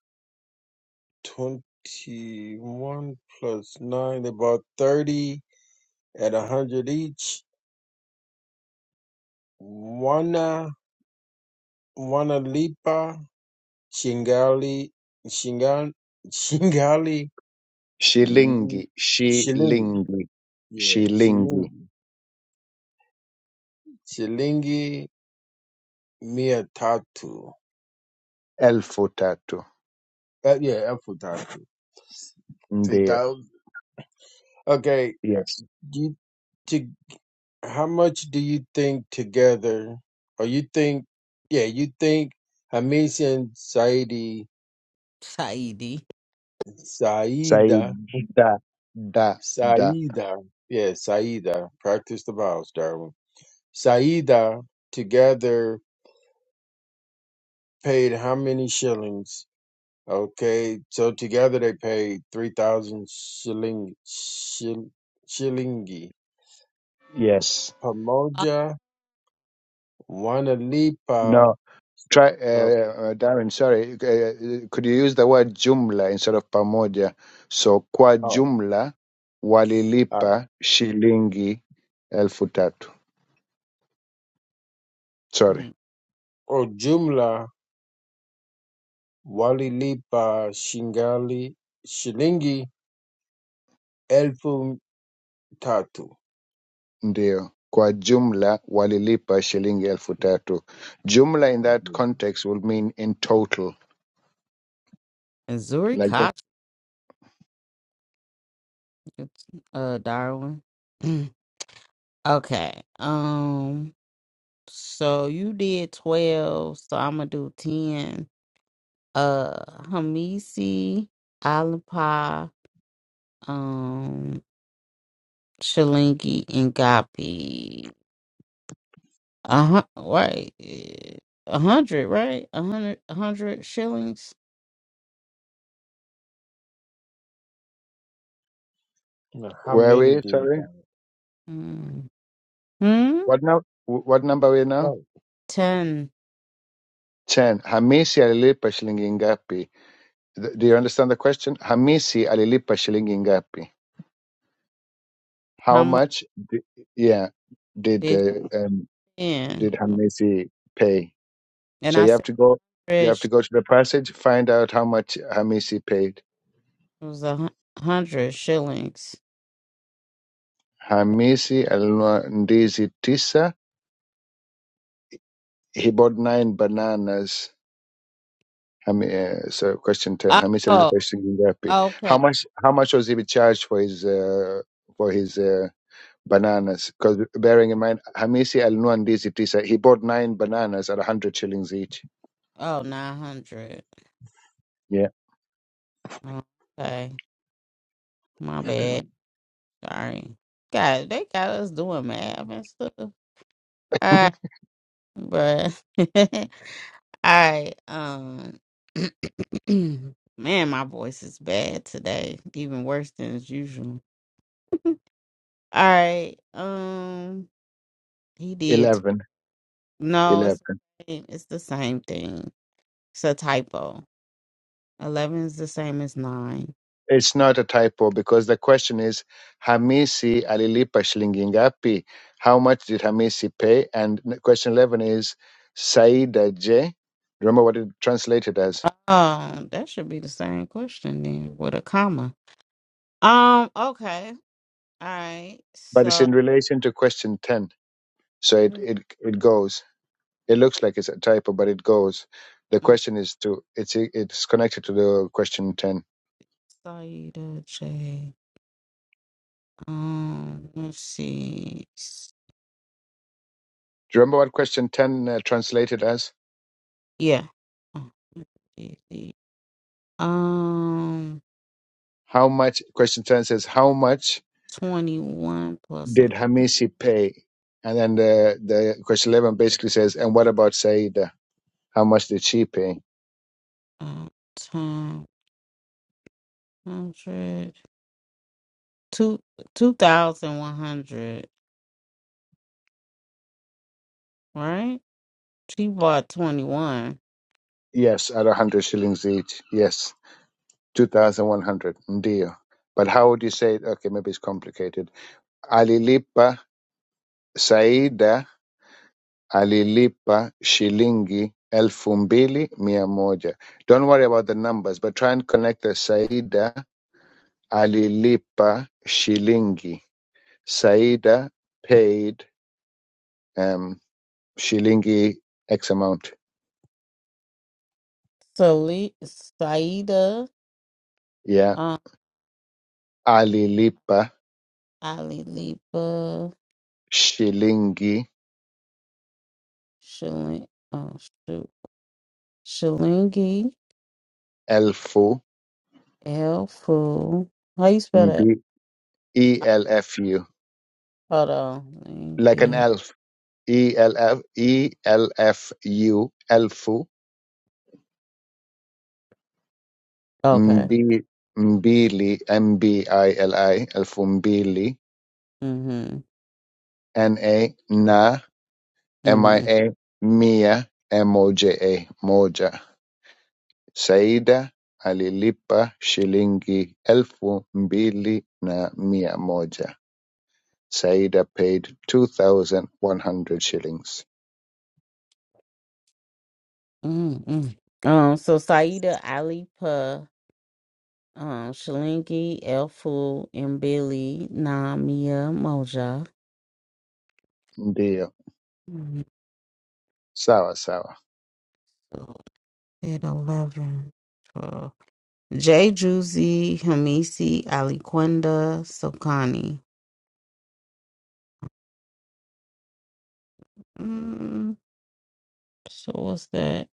21 plus 9. They bought 30 at a 100 each. Wana, Wana Lipa, Shingali, shingal Shingali, mm, Shilingi, Shilingi. shilingi, Yeah, shilingi Shilingi. Shilingi mia tatu. elfu tatu. Uh, yeah, I'm full time. Three Ndio. thousand. Okay, Yes. you to how much do you think together, or you think, yeah, you think Hamis and Saidi, Saidi. Say Saida, da da da. Saida, yeah, Saida, practice the vowels, Darwin. Saida together paid how many shillings? Okay, so together they paid three thousand shilling, shil, shillingi. Yes. Uh, Pamoja wanalipa No. Try, uh, oh, uh, Darren. Sorry. Uh, could you use the word jumla instead of pamoja? So kwa oh, jumla ah, walilipa shilingi elfu tatu. Sorry. hmm. kwa ujumla walilipa shingali shilingi elfu tatu Ndio. Kwa jumla walilipa shilingi elfu Kwa tatu. Jumla in kwa that jumla. context will mean in total. Like that. It's uh Darwin. okay. Um so you did twelve, so I'm gonna do ten. Uh Hamisi, Alapa, um, Shalingi, and Gapi. Uh huh right. eh, A hundred, right? A hundred a hundred shillings? Now, how Where are many we? did you Sorry. buy? Mm. Hmm? What now? What number are we now? Oh, Ten. 10. Hamisi alilipa shilingi ngapi? Th- Do you understand the question? Hamisi alilipa shilingi ngapi? How How much much? Di- yeah, did did uh, um, did ten? Hamisi pay? And So I you have said to go. You have fresh to go to the passage, find out how much Hamisi paid. was a hun- hundred shillings. Hamisi alinunua ndizi tisa. He bought nine bananas. Hami, uh, so question ten. Hamisi Oh, alilipa shilingi ngapi? How Okay. much? How much was he charged for his uh, for his? uh, bananas because bearing in mind Hamisi alinunua ndizi tisa he bought nine bananas at 100 shillings each Oh, 900. yeah Okay. My bad. Sorry. God, they got us doing math and stuff. All right, bruh. All right. Um, man, my voice is bad today. Even worse than as usual. All right. Um, he did. Tw- 11 no, it's 11 the same. It's the same thing. It's a typo. 11 is the same as 9. it's not a typo because the question is Hamisi alilipa shilingi ngapi how much did Hamisi pay and question 11 is Saida je remember what it translated as Um, that should be the same question then with a comma. Um, okay. All right. but it's So in relation to question 10 so it mm, it, it goes it looks like it's a typo but it goes the mm, question is to it's it's connected to the question 10 Saida J. Um, let's see. S- Do you remember what question 10 uh, translated as? Yeah. Oh, let's see. Um, How much, question 10 says, how much 21 plus a did Hamisi pay? And then the, the question 11 basically says, and what about Saida? How much did she pay? um, 100, two- 2,100, right? She bought 21. Yes, at 100 shillings each. Yes, 2,100. Ndio. But how would you say it? Okay, maybe it's complicated. Alilipa Saida alilipa shilingi elfu mbili mia moja. Don't worry about the numbers, but try and connect the Saida alilipa shilingi. Saida paid um, shilingi X amount. So, Le- Saida, Yeah, um, alilipa Ali Lipa, shilingi Shilling, oh, shoot, Shilingi. elfu Helpful. How you spell that? mbi ELFU, Hold on. Thank like an you. elf. e l f e l f u elfu Okay. Mbi- Mbili, M B I L I, elfu mbili, Mm-hmm. N A na M I Mm-hmm. A mia, M O J A moja. Saida alilipa shilingi elfu mbili na mia moja. Saida paid 2100 shillings. Mm-hmm. Um, so Saida Ali Pa, um, Shalingi, Elfu, Mbili, Namia, Moja. Ndiyo, Mhm. sawa sawa. So, 10, eleven, twelve. J. Juicy, Hamisi, Aliquenda Sokani. Mm, so what's that?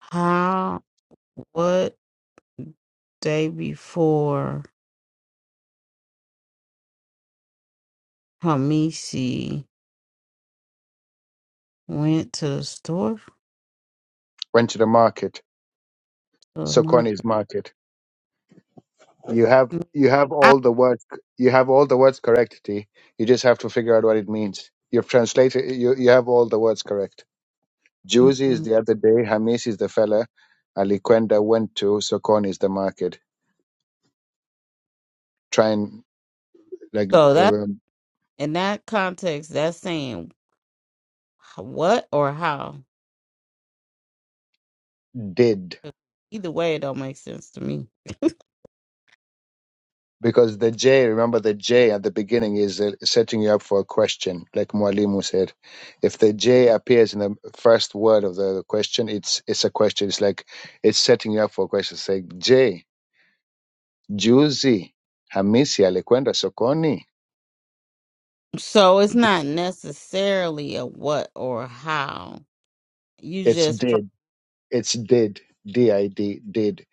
How, what day before? Hamisi went to the store Went to the market, the market. Sokoni's market. You have you have I, all the words you have all the words correct, T. You just have to figure out what it means. You've translated you, you have all the words correct. Juicy is mm-mm. the other day, Hamis is the fella, Aliquenda went to, Sokon is the market. Try and like so that um, in that context, that's saying h- what or how. did Either way, it don't make sense to me. because the J, remember the J at the beginning is uh, setting you up for a question, like Mualimu said. If the J appears in the first word of the question, it's it's a question. It's like it's setting you up for a question. It's like J. Juzi Hamisi alikwenda sokoni. So it's not necessarily a what or how. You It's just fr- did. It's did. D I D did.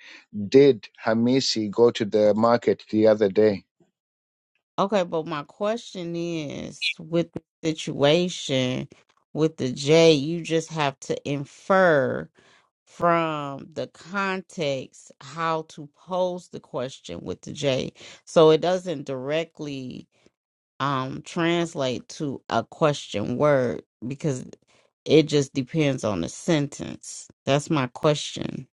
Did Hamisi go to the market the other day? okay. But my question is, with the situation with the J, you just have to infer from the context how to pose the question with the J. So it doesn't directly um translate to a question word because it just depends on the sentence. That's my question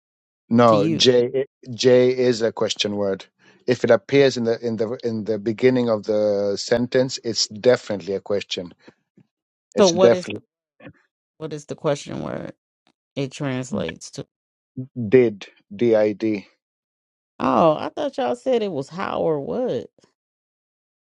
to No, you. J J is a question word. If it appears in the in the in the beginning of the sentence, it's definitely a question. So It's what is definitely what is the question word it translates to? did D I D. Oh, I thought y'all said it was how or what.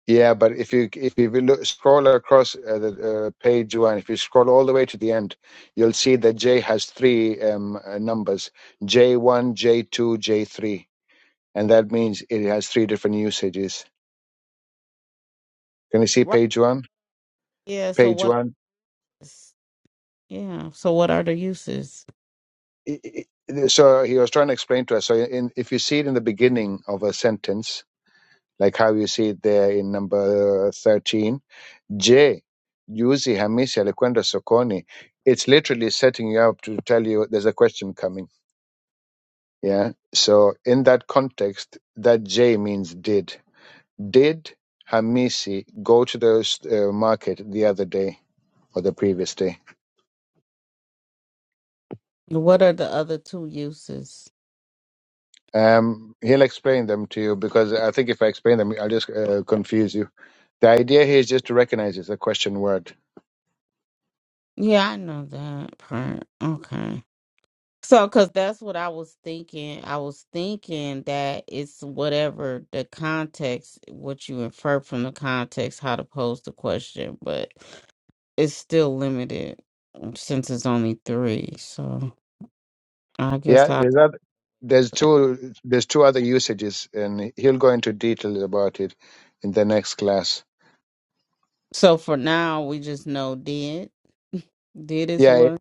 Yeah, but if you if you will look, scroll across uh, the uh, page one, if you scroll all the way to the end, you'll see that J has three um, uh, numbers: J one, J two, J three, and that means it has three different usages. Can you see Right. page one? Yeah, so Page what one. yeah, so what are the uses? I- I- I- So he was trying to explain to us. So in, if you see it in the beginning of a sentence, like how you see it there in number thirteen, Je, juzi Hamisi alikwenda sokoni. It's literally setting you up to tell you there's a question coming. Yeah. So in that context, that J means did. Did Hamisi go to the uh, market the other day or the previous day? What are the other two uses? Um, he'll explain them to you because I think if I explain them, I'll just uh, confuse you. The idea here is just to recognize it's a question word Yeah, I know that part. Okay. So, because that's what I was thinking. I was thinking that it's whatever the context, what you infer from the context, how to pose the question, but it's still limited um, since it's only three. So, I guess Yeah, I. there's other, there's two there's two other usages, and he'll go into detail about it in the next class. So, for now, we just know did. Did is Yeah, one.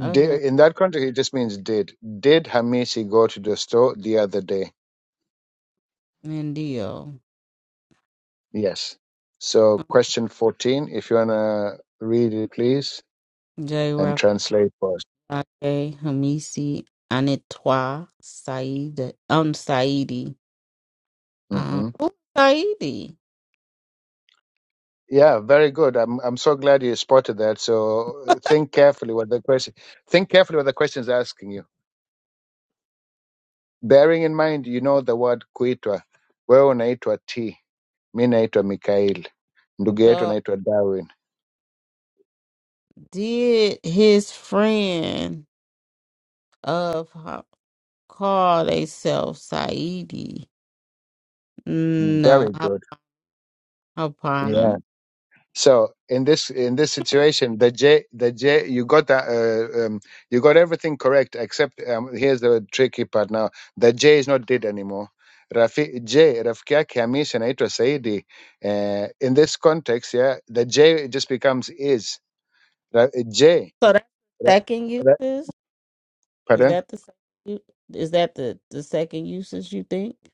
Okay. di- in that context, it just means did did Hamisi go to the store the other day? And deal. Yes. So, question fourteen, if you wanna read it, please, and J. translate for us. Ake, Hamisi, Anitwa, Said, um, Saidi, um, hmm who Saidi? Yeah, very good. I'm I'm so glad you spotted that. So think carefully what the question think carefully what the question is asking you. bearing in mind you know the word kuitwa wewe unaitwa t mi naitwa mikael ndugu yetu So anaitwa darwin did his friend of her call theyself Saidi? No, very Hap- good Hapana. yeah so in this in this situation the j the j you got that uh, um, you got everything correct except um, here's the tricky part now the j is not dead anymore Rafi, J, rafiki yake Hamisi anaitwa Saidi. Uh, in this context, yeah, the J just becomes is. Ra- J, So that's the ra- second ra- usage. Is pardon? that the second? u- Is that the the second usage you think?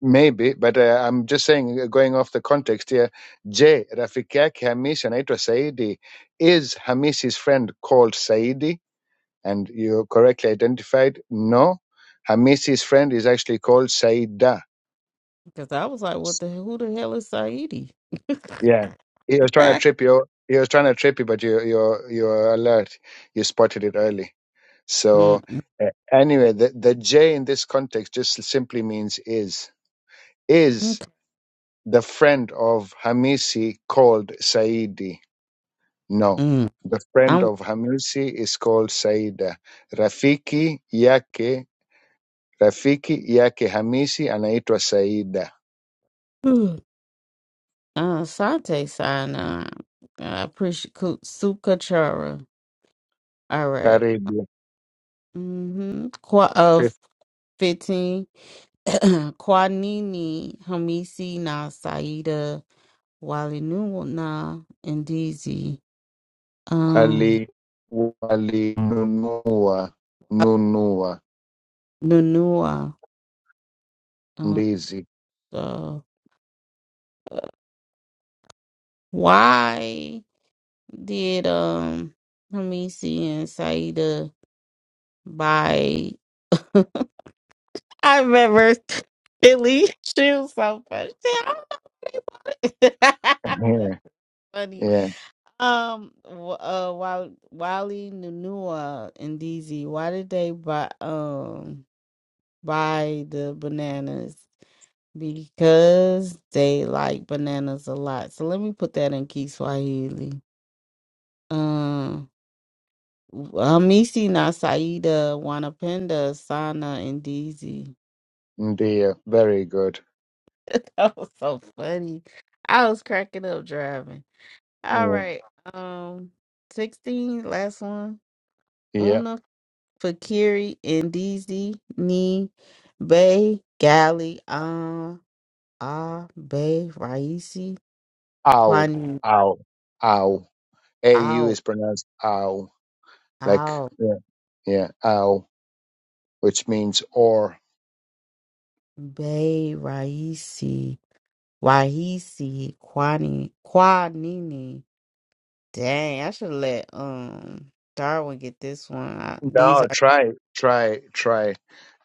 Maybe, but uh, I'm just saying, uh, going off the context here. Je, rafiki yake Hamisi anaitwa Saidi. Is Hamisi's friend called Saidi? And you correctly identified, no, Hamisi's friend is actually called Saida. Because I was like, what the who the hell is Saidi? Yeah, he was trying to trip you. He was trying to trip you, but you you you're alert. You spotted it early. So uh, anyway, the the J in this context just simply means is is. Mm-mm-mm. the friend of Hamisi called Saidi. No, the friend I'm of Hamisi is called Saida. Rafiki yake rafiki yake Hamisi anaitwa Saida. uh, Sante sign on. I appreciate Ku- Sukachara. All right. Karibu Mm-hmm. Qua of Fif- fifteen. Kwanini Hamisi na Saida Wali na Ndizi. Um wali walinunua nunua Nunua. Um ndizi so why? Did um let me see and Saida buy I remember Billy shoes so much. I don't know where they bought That's funny. yeah, Um w- uh Wal- Wally Nunua and DZ, why did they buy um buy the bananas? Because they like bananas a lot. So let me put that in Kiswahili. Hamisi Nasaida, Wanapenda, Sana, and DZ. ndiyo very good That was so funny. I was cracking up driving. All yeah. right. Um, 16, last one. Yeah. Una, Fakiri, and DZ, Ni, Bay, Galley, Um, Ah, Bay, Raisi, au Kwani, au au au Ow, is pronounced au like Ow, yeah, yeah. ow which means or. Bay, Raisi, Wahisi, Kwani, Kwanini. Dang, I should let um Darwin get this one. I, these No, are try. Try, try.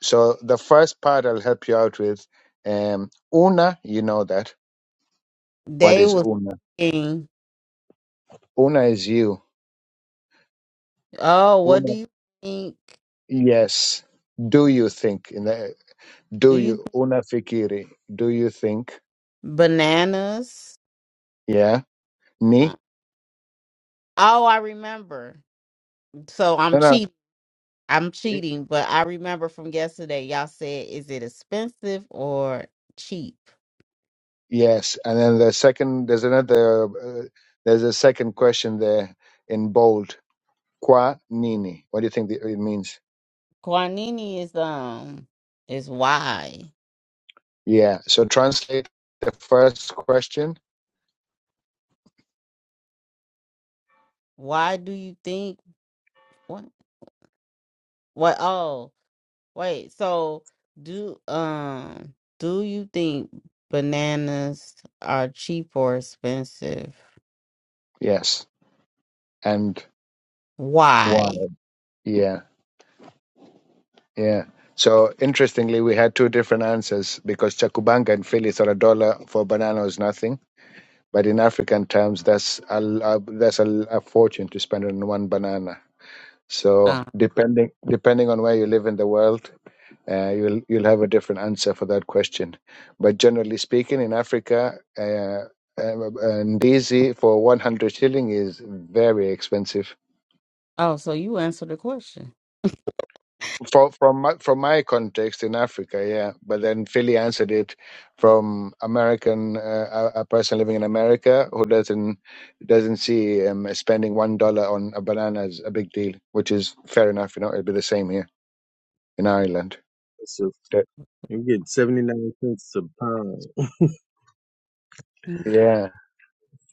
So the first part I'll help you out with. Um, una, you know that. What they is was una? thinking. Una is you. Oh, what do Una, you think? yes. Do you think? In the, Do do you you? think Una fikiri. Do you think? bananas? Yeah. Uh, Ni? Oh, I remember. So I'm No, no. cheating. I'm i- cheating, but I remember from yesterday. Y'all said, is it expensive or cheap? Yes. And then the second, there's another, uh, there's a second question there in bold. Qua nini? What do you think the- it means? Guanini is um is why. Yeah. So translate the first question. Why do you think what? What? Oh. Wait, so do um do you think bananas are cheap or expensive? Yes. And why? Why? Yeah. Yeah. So interestingly, we had two different answers because Chakubanga in Philly thought a dollar for a banana was nothing. But in African terms, that's a, a that's a, a fortune to spend on one banana. So Uh, depending depending on where you live in the world, uh, you'll you'll have a different answer for that question. But generally speaking, in Africa, uh, um, and for 100 shilling is very expensive. oh, so you answered the question. For, from my, from my context in Africa, yeah. But then Philly answered it from American uh, a, a person living in America who doesn't doesn't see um, spending one dollar on a banana as a big deal, which is fair enough. You know, it'd be the same here in Ireland. So you get 79 cents a pound. Mm, Yeah,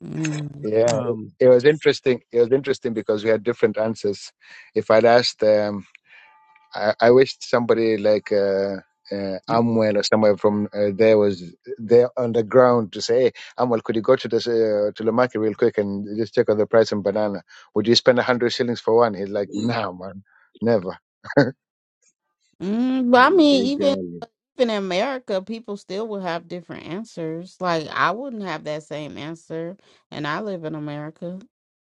mm, Yeah, it, Um, it was interesting. It was interesting because we had different answers. If I'd asked, um, I, I wished somebody like uh, uh, Amwell or somewhere from uh, there was there on the ground to say, hey, Amwell, could you go to this uh, to the market real quick and just check on the price of banana? Would you spend a hundred shillings for one? He's like, no, man, never. mm. But I mean, big even guy. even in America, people still will have different answers. Like I wouldn't have that same answer, and I live in America,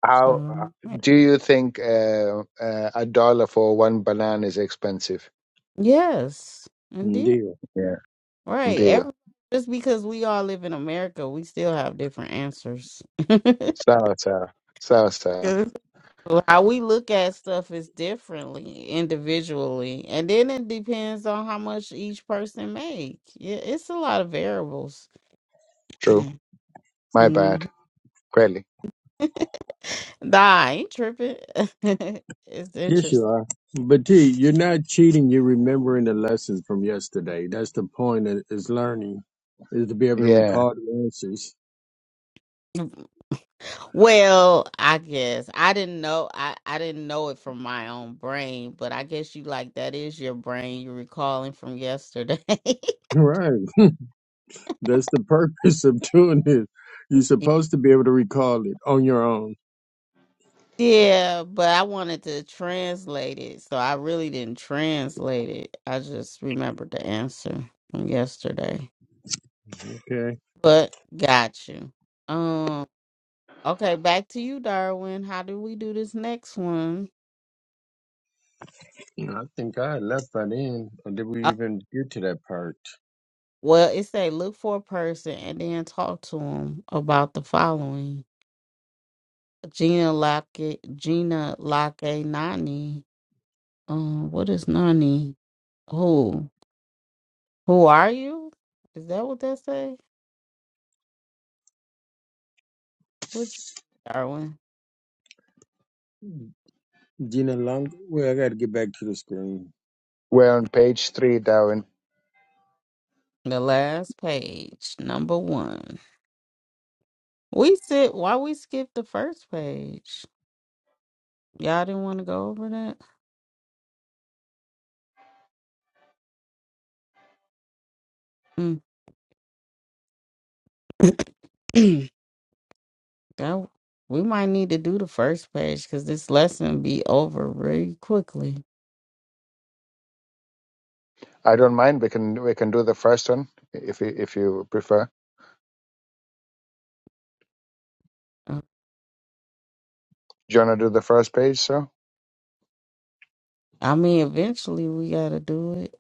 How uh, so right. do you think uh, uh, a dollar for one banana is expensive? yes, indeed, Deal. Yeah, right. deal. Every just because we all live in America, we still have different answers. Sour, sour, sour, sour. 'Cause How we look at stuff is differently individually, and then it depends on how much each person make. Yeah, it's a lot of variables. True. My bad. Mhm. Kweli. nah, I ain't tripping. it's Yes, you interesting. are. But T, you're not cheating. You're remembering the lessons from yesterday. That's the point. Is is learning is to be able to Yeah, recall the answers. Well, I guess I didn't know. I I didn't know it from my own brain, but I guess you like that is your brain. You're recalling from yesterday. Right. That's the purpose of doing this. You're supposed to be able to recall it on your own. Yeah, but I wanted to translate it, so I really didn't translate it. I just remembered the answer from yesterday. Okay. But got you. Um, okay, back to you, Darwin. How do we do this next one? I think I left that in. Or did we Uh, even get to that part? well, it say look for a person and then talk to them about the following. Gina Lockett, Gina Lockett, Nani. Um, what is Nani? Who? Who are you? Is that what that say? What you Darwin? Gina Long. Well, I got to get back to the screen. we're on page three now, and The last page, number one. We said why we skipped the first page. Y'all didn't want to go over that. Mm. that we might need to do the first page because this lesson be over really quickly. I don't mind. We can we can do the first one if you, if you prefer. Uh, Do you want to do the first page? So, I mean, eventually we gotta do it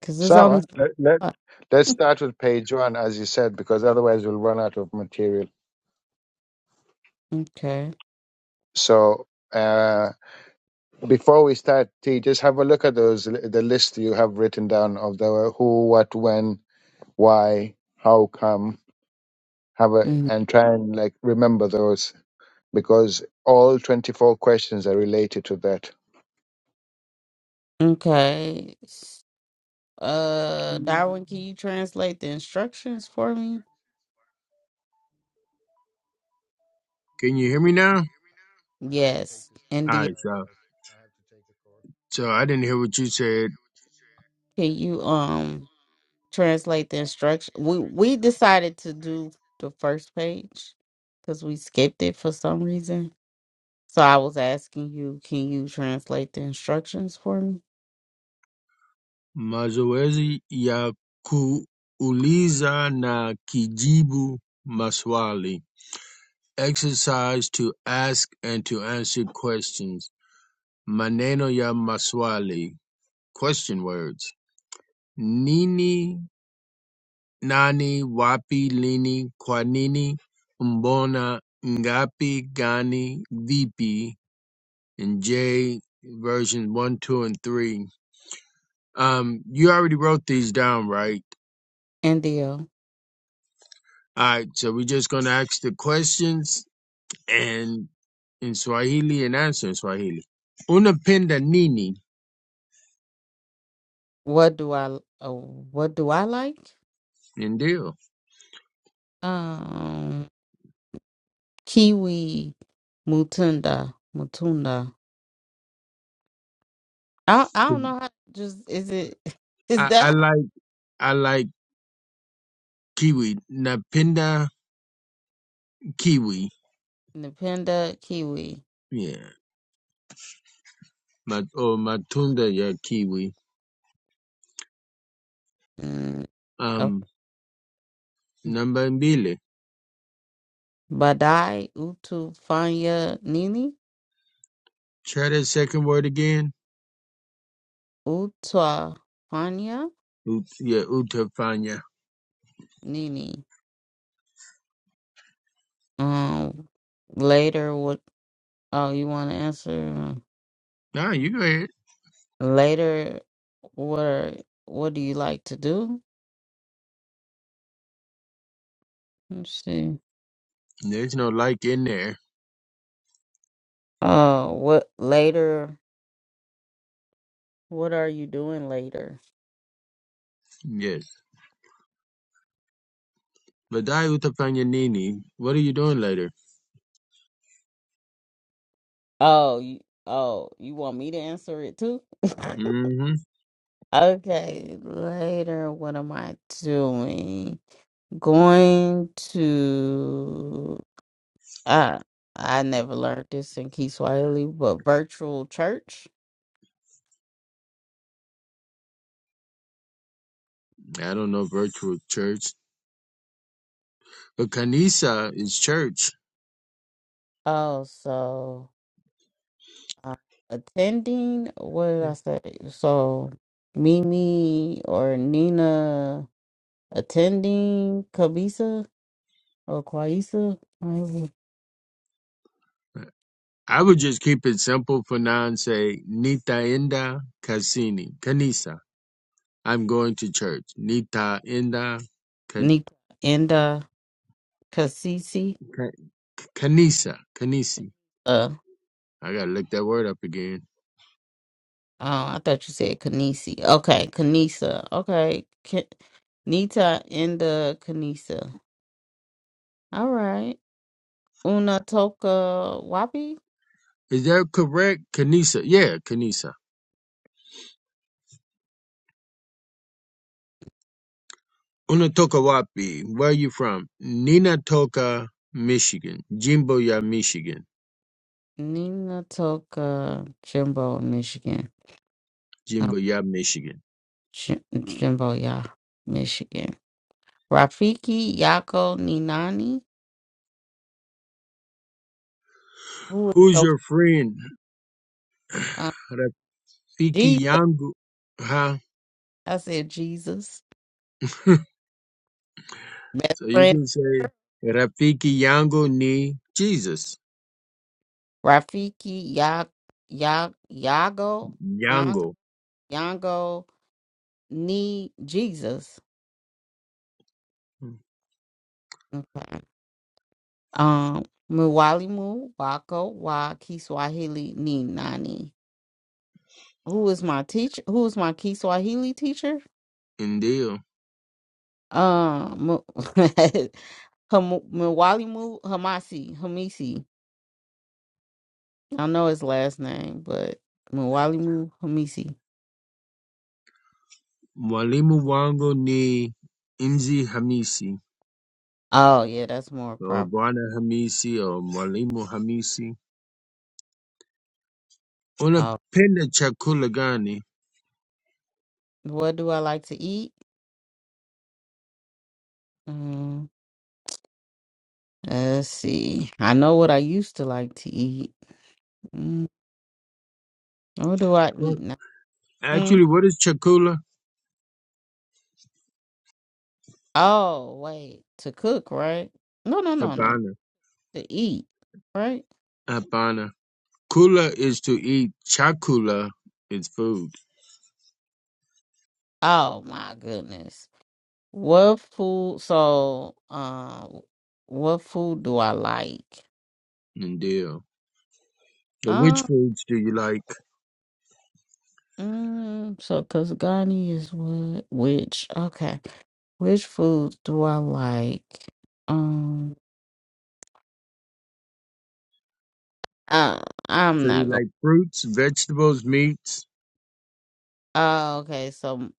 because it's only Sawa, let, let, uh, let's start with page one, as you said, because otherwise we'll run out of material. okay. So, uh, before we start, T, just have a look at those the list you have written down of the who, what, when, why, how come. Have a Mhm. and try and like remember those because all twenty four questions are related to that. Okay. S- Uh, Darwin, can you translate the instructions for me? Can you hear me Guys, now? I, I have to take Yes, this call. All indeed. right, Sorry, so guys. I have to take a call. so I didn't hear what you said. Can you um translate the instruction? We we decided to do the first page because we skipped it for some reason. So I was asking you, can you translate the instructions for me? Mazoezi ya kuuliza na kijibu maswali. Exercise to ask and to answer questions. Maneno ya maswali. Question words. Nini nani wapi lini kwanini mbona ngapi gani vipi and J versions one, two, and three. Um, you already wrote these down, right? And the uh, All right, so we're just gonna ask the questions and in Swahili and answer in Swahili. Unapenda nini? what do I uh, what do I like? Ndio. Um, kiwi, mutunda, mutunda. I I don't know how. Just is it is I, I that like I like kiwi. Napenda kiwi. the panda kiwi? Yeah. Mat, oh, matunda ya kiwi. Mm, Um, number mbili. Badai Utufanya Nini Try that second word again. Utafanya Ut, yeah, utafanya. Nini. Um, later what? Oh, you want to answer No, you go ahead. later? What are, What do you like to do? Let's see. There's no like in there. Uh, what later? What are you doing later? Yes. Vadai utafanya nini? What are you doing later? Oh, you, oh, you want me to answer it too? mm hmm okay, later. What am I doing? Going to. I I never learned this in Kiswahili, but virtual church. I don't know virtual church. But kanisa is church. Oh, so uh, attending. What did I say? So Mimi or Nina attending Kabisa or Kwaisa, whatever. I would just keep it simple for now and say Nitaenda Kasini Kanisa. I'm going to church. Nitaenda ka, Nika and uh, Kasisi. ka, Kanisa, Kanisi. Uh, oh, I gotta look that word up again. I thought you said Kanisi. Okay, Kanisa. Okay, K- Nita and uh, Kanisa. All right. Una Toka Wapi. Is that correct? Kanisa. Yeah, Kanisa. Unatokawapi, where are you from? Ninatoka, Michigan. Jimboya, Michigan. Nina Toka, Jimbo, Michigan. Oh, Jimboya, Michigan. Jim- Jimbo, yeah, Michigan. Rafiki Yako Ninani. Who is Who's your your friend? uh, Rafiki Jesus? Yangu. Huh? I said Jesus. Best so you friend can say Rafiki Yangu ni Jesus. Rafiki Ya Ya Yago Yango Yangu. Yango Ni Jesus. Okay. Um, Mwalimu Wako Wa Kiswahili Ni Nani. Who is my teacher? Who is my Kiswahili teacher? Ndio. Um, Mo- Ham- Mwali Mu Hamu- Muwalimu Hamasi Hamisi. I know his last name, but Mwali Mu Hamisi. Mwalimu wangu ni Inzi Hamisi. Oh yeah, that's more So proper. Bwana Hamisi au Mwalimu Hamisi, Oh, unapenda chakula gani? what do I like to eat? Um, let's see. I know what I used to like to eat. Mm, what do I eat Well, now? Mm, Actually, what is chakula? oh wait, to cook, right? No, no, no, no, no. Hapana. to eat, right? Hapana. Kula is to eat. Chakula is food. Oh my goodness. What food? So, um, what food do I like? Ndio. So which Uh, foods do you like? mm, so because Ghani is what? Which? Okay, which food do I like? Um, uh, I'm So you not gonna. like fruits, vegetables, meats? Oh, okay. So,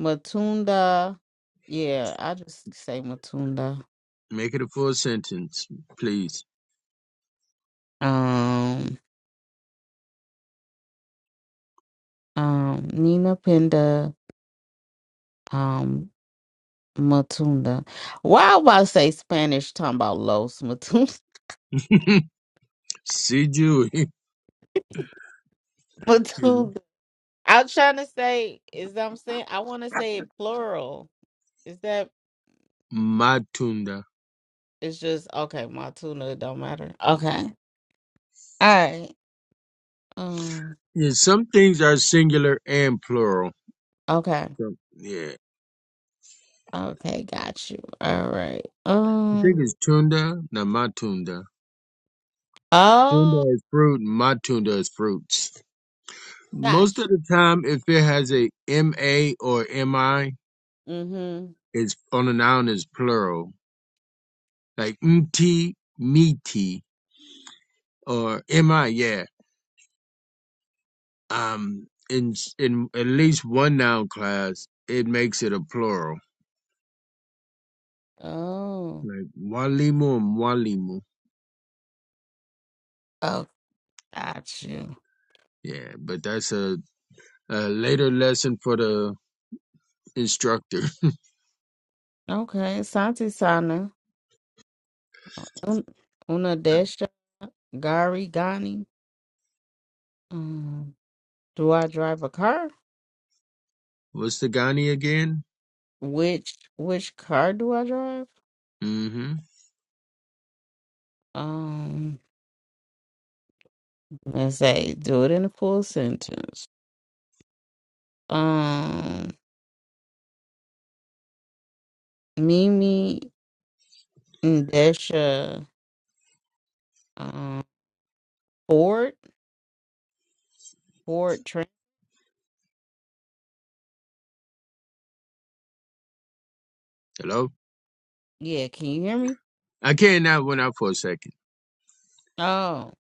Matunda. Yeah, I just say Matunda. Make it a full sentence, please. Um, um, Nina Pinda. Um, Matunda. Why would I say Spanish? Talking about Los Matunda. Sijui. But dude, I'm trying to say is I'm saying I want to say it plural. Is that Matunda. it's just okay? My tuna it don't matter. Okay, all right. Um. Yeah, some things are singular and plural. Okay. So, Yeah. Okay. Got you. All right. I think Um. it's tunda, not matunda. Oh, Tunda is fruit, matunda is fruits. got Most of the time, if it has a ma or mi, you. Mm-hmm. it's on a noun is plural, like mti, miti, or mi. Yeah. Um. In in at least one noun class, it makes it a plural, Oh. like walimu and walimu. Oh, got you. Yeah, but that's a, a later lesson for the instructor. Okay. Santi Sana. Un- Una Desha. Gari Gani. Um. Do I drive a car? What's the gani again? Which which car do I drive? Mm-hmm. Um, let's say do it in a full sentence. Um, Mimi and Desha um Ford Ford Trent. Hello. Yeah, can you hear me? I can't not went out for a second. Oh,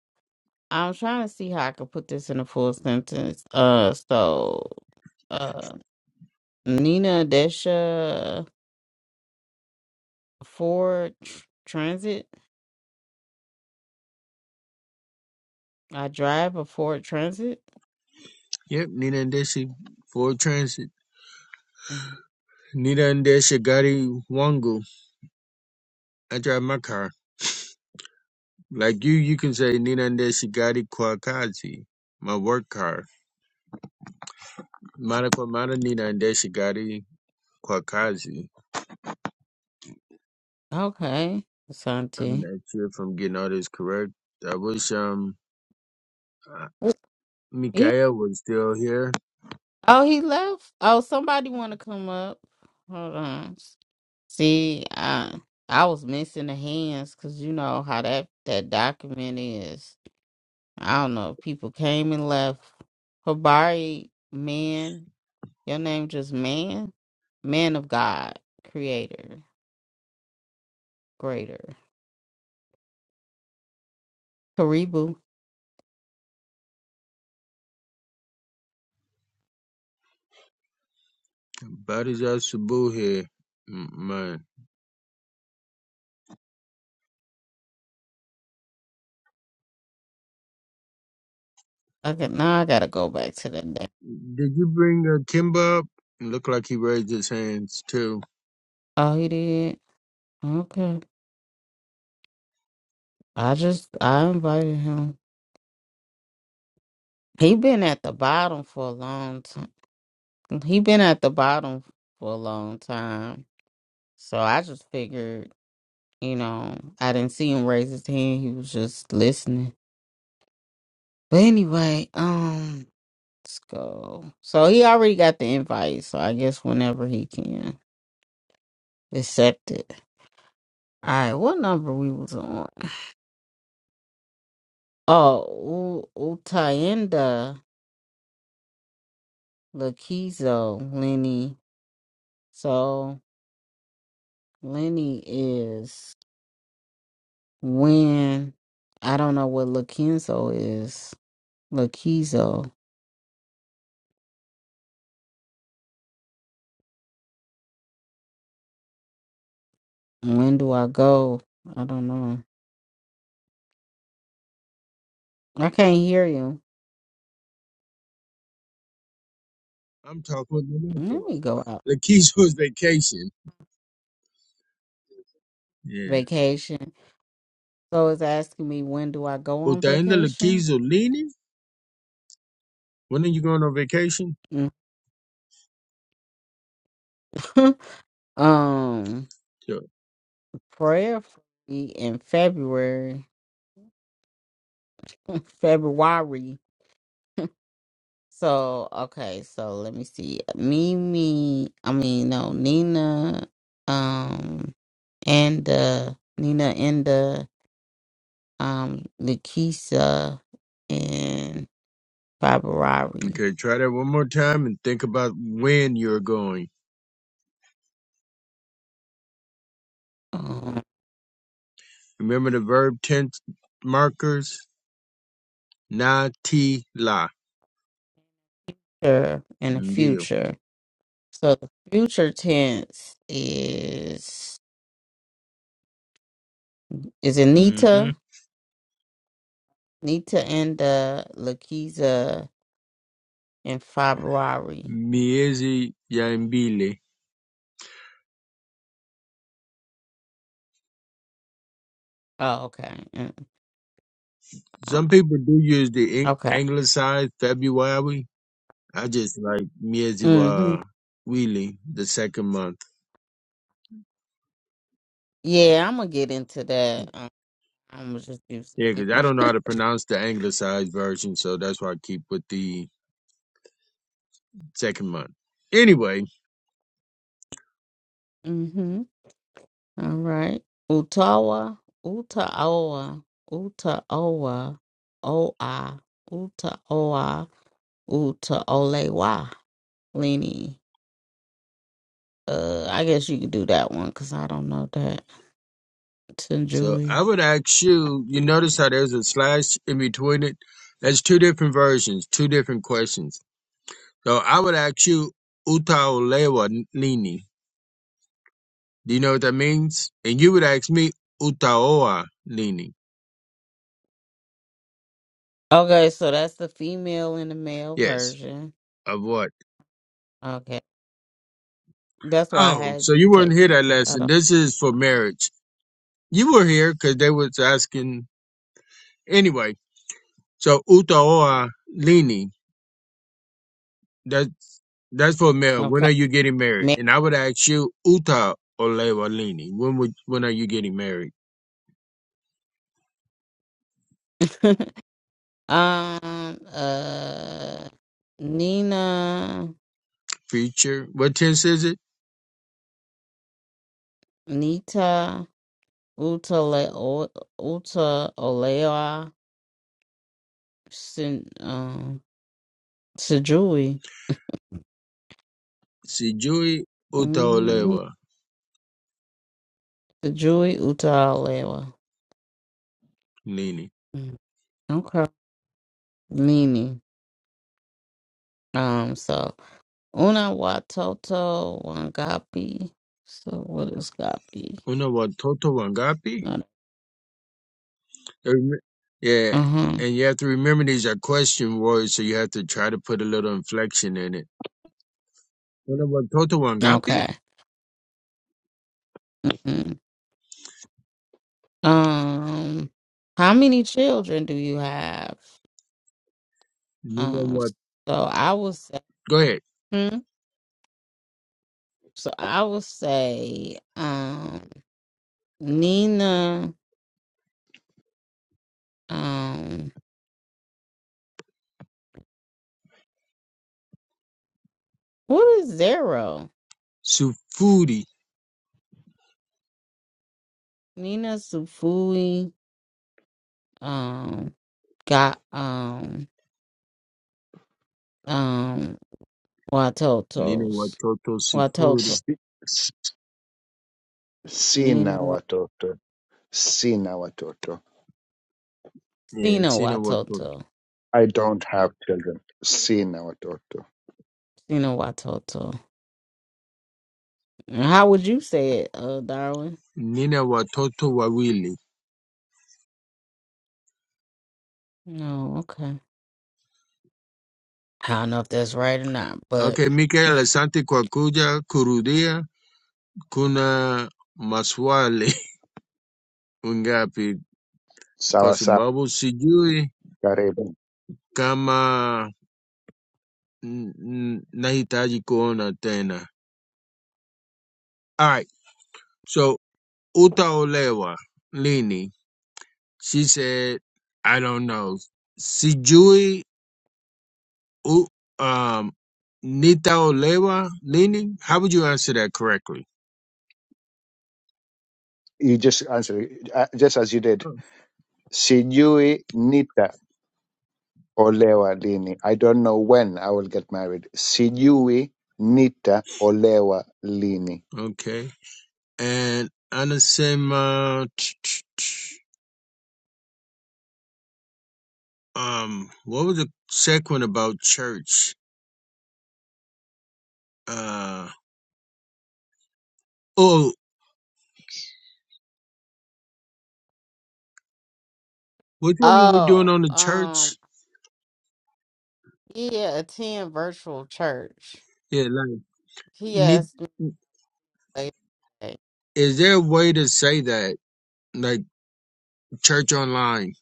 I'm trying to see how I could put this in a full sentence. Uh, so uh Nina Desha Ford Tr- Transit. I drive a Ford Transit. Yep, Nina Ndeshi, Ford Transit. Mhm. Nina Ndeshi Gari Wangu. I drive my car. Like you, you can say Nina Ndeshi Gari Kwakazi, my work car. Mara kwa mara Nina Ndeshi Gari Kwakazi. Okay, I'm Asante. not sure if I'm getting all this correct. I wish um uh, Mikael was still here. Oh, he left. Oh, somebody want to come up. Hold on. See, I I was missing the hands because you know how that that document is. I don't know. if People came and left. Habari, man, your name just man, man of God, creator, greater. Karibu. Badija Sabu here. Mm, Man, Okay, now I gotta go back to that day. did you bring uh, Kimba up? Looked like he raised his hands too. Oh, he did. Okay. I just I invited him. He been at the bottom for a long time. He been at the bottom for a long time. So I just figured, you know, I didn't see him raise his hand. He was just listening. But anyway, um, let's go. So he already got the invite, so I guess whenever he can accept it. Alright, what number we was on? Oh, U- Utayenda Lakizo Lenny. So Lenny is when I don't know what Lakinzo is. Lakizo, when do I go? I don't know. I can't hear you. I'm talking with Lamento. Let me go out. Lakeisha's vacation. Yeah. Vacation. So it's asking me when do I go on Utaenda vacation? Lakeisha leaning? When are you going on vacation? Mm. um, Sure. prayerfully in February. February. So okay, so let me see. Mimi, I mean no, Nina, um, and uh, Nina and the um, Lakisa, and. February Okay, try that one more time and think about when you're going. um, Remember the verb tense markers? Na ti la. sure, in the Deal. future. So the future tense is is it Mm-hmm. Nita? Nita and uh, Lakiza in February. Miezi ya mbili. Oh, okay. Mm, uh, Some people do use the ang- Okay. anglicized February. I just like miezi hmm wa wili, the second month. Yeah, I'm gonna get into that. Um, I'm gonna just use Yeah, because I English. don't know how to pronounce the anglicized version, so that's why I keep with the second month. Anyway, mm-hmm. All right. Utawa, Utaoa, Utaoa, Oa, Utaoa. Uta Olewa Lini. Uh, I guess you could do that one because I don't know that. so Tanjui. I would ask you, you notice how there's a slash in between it? That's two different versions, two different questions. So I would ask you, Utaolewa Nini. Do you know what that means? And you would ask me, Utaoa Nini. Okay, so that's the female and the male Yes, version. of what? Okay, that's why I Oh, had so you you weren't take here it that because I lesson. don't. This is for marriage. You were here because they was asking. Anyway, So utaoa lini. That's that's for male. When Okay, are you getting married? And Ma- I would ask you uta olewa lini. When would when are you getting married? um, uh, Nina, Future. What tense is it? Nita, Uta, Le- O- Uta Olewa, Sin, um, Sejui, Sijui uta mm, olewa Sejui Uta Olewa. lini. Mm. Okay. Nini. Um, so una watoto wangapi. So what is gapi? Una watoto wangapi? Not Rem- Yeah. uh-huh. And you have to remember these are question words, so you have to try to put a little inflection in it. Una watoto wangapi? Okay. Mm. Um how many children do you have? Nina Um wat. so I will say Go ahead. hmm? so I will say um Nina um what is zero? Sufuri. Nina Sufui um got um um Nina Watotos. watoto Watoto. sifuri. Si- Sina Nina Wa- watoto. Sina watoto. Eh, Sina sina watoto Watoto. I don't have children. Sina watoto. Sina Watoto. How would you say it, uh, Darwin? nina watoto wawili. No, okay. I don't know if that's right or not, but Okay, Mikael, asante kwa kuja kurudia. Kuna maswali ngapi? Kwa Sawa sawa. sababu sijui Karibu. kama n- n- nahitaji kuona tena. Alright, so utaolewa lini? She said, I don't know. Sijui u, um, nitaolewa lini? How would you answer that correctly? You just answer it, uh, just as you did. Oh. Sijui nita olewa lini. I don't know when I will get married. Sijui nita olewa lini. Okay. and Anasema. t- t- Um, what was the second one about church? Uh, oh, which one were we doing oh, on the church? um, yeah, attend virtual church. Yeah, like, He need, asked me later. today. is there a way to say that? Like, church online,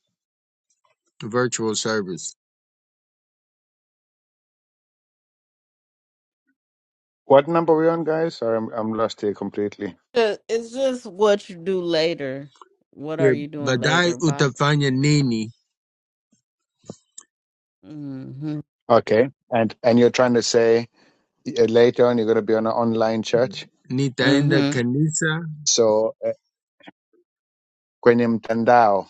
virtual service. What number are we on, guys? Sorry, I'm, I'm lost here completely. Uh, It's just what you do later. What are Yeah, you doing badai later? By utafanya nini? mm-hmm. Okay. And and you're trying to say uh, later on you're going to be on an online church. mm-hmm. Nitaenda kanisa So uh, kwenye mtandao,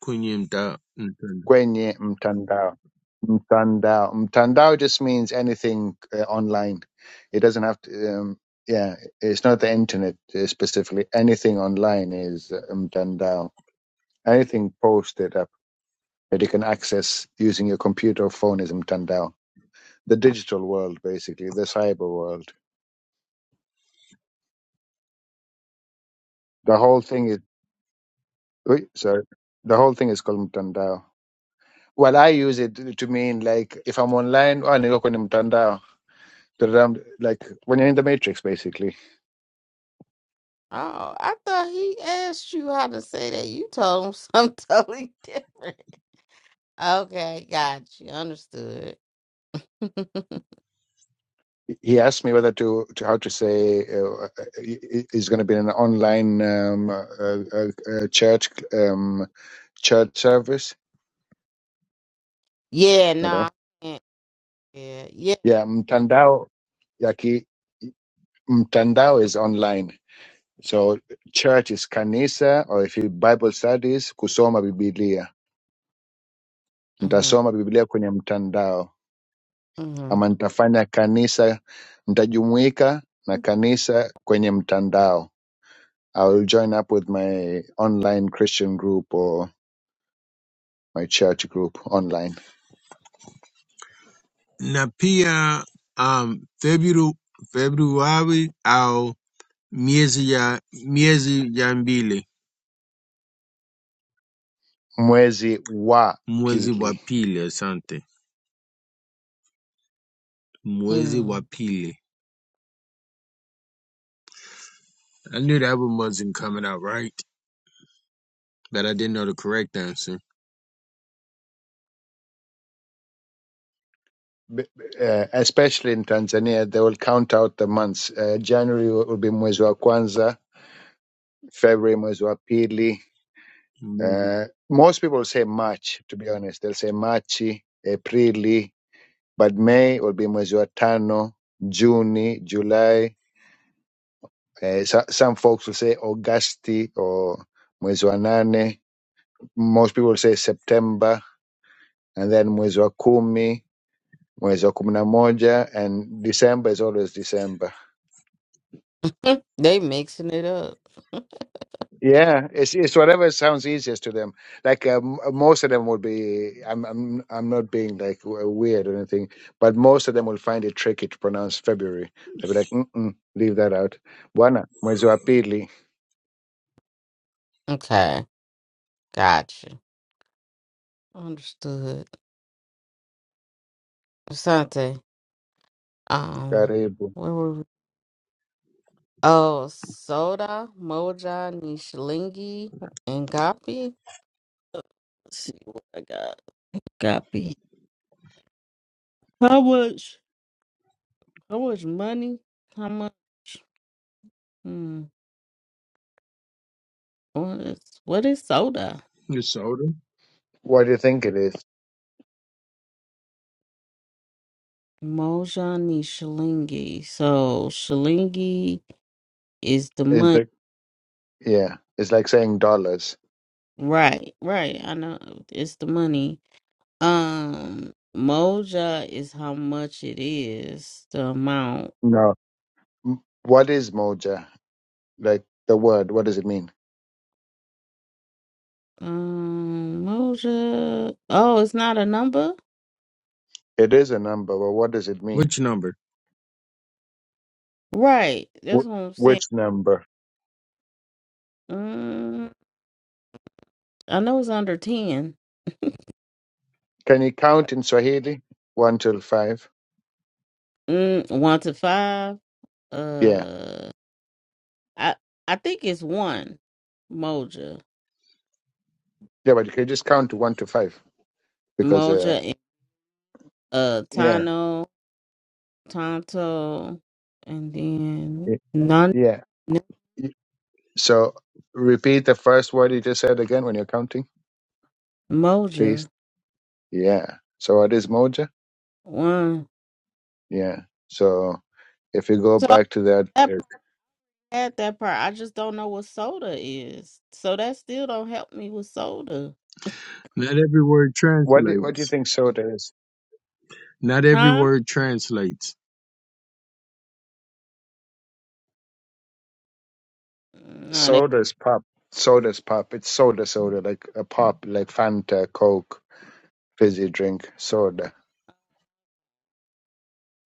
kwenye mta- mtandao. kwenye mtandao, mtandao, mtandao just means anything uh, online. It doesn't have to. Um, yeah, it's not the internet uh, specifically. Anything online is uh, mtandao. Anything posted up that you can access using your computer or phone is mtandao. The digital world, basically, the cyber world. The whole thing Wait, sorry. The whole thing is called mtandao. Well, I use it to mean like if I'm online, oh, niko kwenye mtandao. Tadam- Like when you're in the matrix, basically. Oh, I thought he asked you how to say that. You told him something totally different. Okay, got you. Understood. He asked me whether to, to how to say uh, uh, is going to be an online um, uh, uh, uh, church um, church service. yeah, no, I Hello. can't. Yeah, yeah. Yeah, mtandao. Yaki mtandao is online. So church is kanisa, or if you Bible studies, kusoma Biblia. hmm Nitasoma Biblia kwenye mtandao hmm ama nitafanya kanisa, nitajumuika na kanisa kwenye mtandao. I will join up with my online Christian group or my church group online. Na pia, um, February, February au miezi ya miezi ya mbili Mwezi wa mwezi wa pili. pili asante mwezi wa Mm-hmm. pili i knew the album wasn't coming out right but i didn't know the correct answer B- b- Uh, especially in Tanzania, they will count out the months. Uh, January will be mwezi wa kwanza, February mwezi wa pili, Mwezi. Uh, most people say March, to be honest. They'll say Marchi, Aprili, but May will be mwezi wa tano, Juni, July. Uh, so, some folks will say Augusti or mwezi wa nane. Most people say September and then mwezi wa kumi, mwezi wa kumi na moja, and December is always December. they mixing it up. Yeah, it's it's whatever sounds easiest to them. Like um, most of them would be. I'm I'm I'm not being like w- uh, weird or anything, but most of them will find it tricky to pronounce February. They'll be like, Mm-mm, leave that out. Bwana mwezi wa pili okay, gotcha. Understood. Asante, um, karibu. where were we? Oh, Soda, Moja, Nishalingi, and Gapi. Let's see what I got. Gapi. How much? How much money? How much? Hmm. What is what is soda? Minnesota What do you think it is? Mojani Shilingi. So Shilingi is the It's money. like yeah, it's like saying dollars. Right, right. I know it's the money. Um, Moja is how much it is, the amount. No, M- what is moja? Like the word, what does it mean? Um, Moja. Oh, it's not a number. It is a number, but what does it mean? which number Right. That's Wh- what I'm saying. which number? Mm, I know it's under ten. Can you count in Swahili? One till five. Mm, one to five. Yeah Uh. I I think it's one Moja, Yeah, but you can just count to one to five because, uh, Moja, and, uh, yeah, Tano, Tonto, and then y- non yeah. Y- So repeat the first word you just said again when you're counting, please. Moja Yeah. So what is moja? one. Yeah. So if you go So I- back to that, that uh, part, had that part. I just don't know what soda is. So that still don't help me with soda, not every word what do, what do you translates think soda is? not every huh? word translates No, they, Soda is pop. Soda is pop. It's soda, soda, like a pop, like Fanta, Coke, fizzy drink, soda.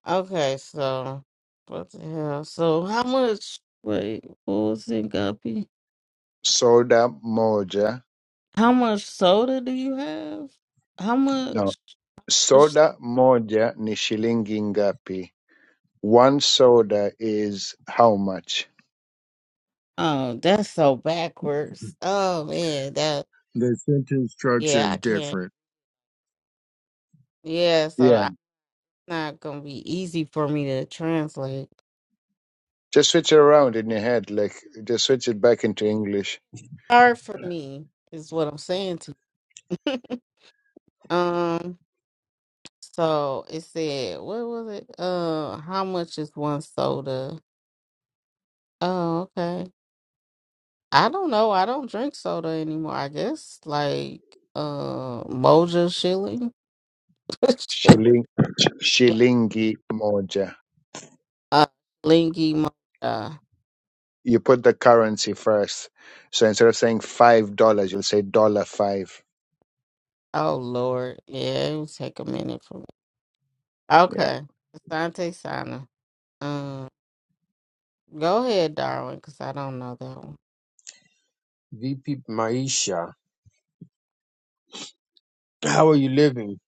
okay, so what the hell? So how much? Wait, what was it, Guppy? Soda moja. How much soda do you have? How No. much? Soda moja ni shilingi ngapi? One soda is how much? Oh, that's so backwards. Oh man, that the sentence structure yeah, is I can't. different Yeah, so Yeah. I'm not gonna be easy for me to translate. Just switch it around in your head, like just switch it back into English. Hard for me is what I'm saying to. you. um, so it said, what was it? Uh, how much is one soda? Oh, okay. I don't know. I don't drink soda anymore. I guess like uh, Moja Shilling, Shilling, sh- shilingi moja. uh, Lingy Moja. You put the currency first, so instead of saying five dollars, you'll say dollar five. Oh Lord, yeah, it would take a minute for me. Yeah. Okay, Asante Sana. Um, go ahead, Darwin, because I don't know that one. vipi maisha how are you living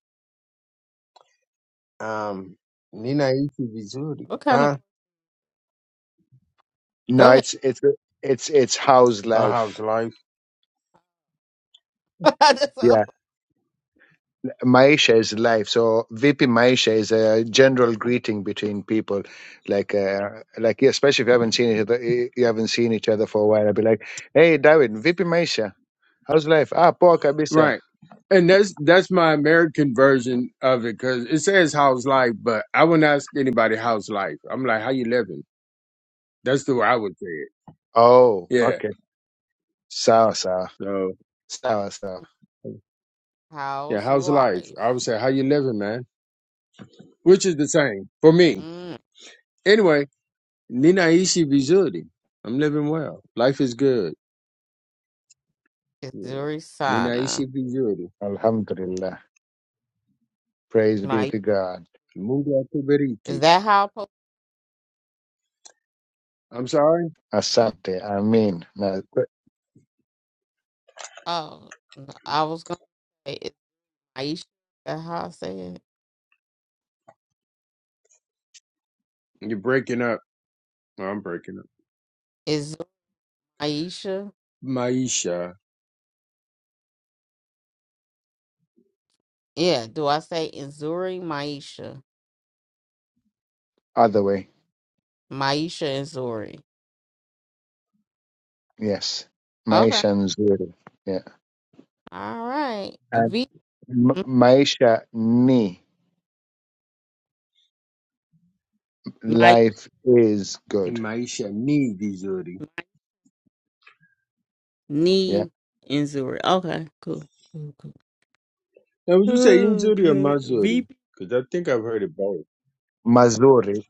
um ninaishi vizuri What kind of? huh Go No, ahead. it's it's it's it's how's Uh, how's life. life That's Yeah. all. Maisha is life. So VP Maisha is a general greeting between people, like uh, like especially if you haven't seen each other, eh, you haven't seen each other for a while. i would be like, "Hey, David, VP Maisha, how's life? Ah, poa kabisa. Right. And that's that's my American version of it because it says how's life, but I wouldn't ask anybody how's life. I'm like, how you living? That's the way I would say it. Oh, Yeah. okay. Sawa sawa So sawa sawa. yeah, How's how's life? I would life? say how you living, man, which is the same for me. Mm, Anyway, ninaishi vizuri. I'm living well. Life is good. it's Yeah. Zuri Ninaishi Sana. vizuri. Alhamdulillah. Praise be My to God. Mungu is akubariki. that how? I po- I'm sorry. Asante. Amin. No, Oh, no, I was gonna say it's Maisha. Is that how I say it? You're breaking up. Oh, I'm breaking up. Is Maisha? Maisha, Yeah. Do I say Zuri Maisha? other way. Maisha and Zuri. Yes. Okay. Maisha nzuri. Yeah. All right. And V. ma- maisha ni My life is good. maisha ni vizuri. yeah knee injury. Okay, cool, cool, cool. Now, would you say Oh, Inzuri or Okay, Mazuri? VP. Because I think I've heard it both. mazuri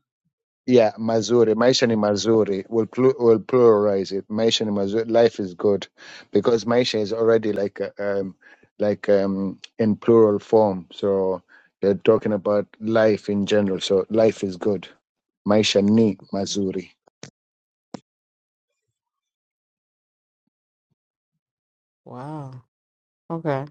yeah mazuri maisha ni mazuri we'll, plu- we'll pluralize it maisha ni mazuri life is good because maisha is already like uh, um like um in plural form so they're talking about life in general so life is good maisha ni mazuri Wow. Okay.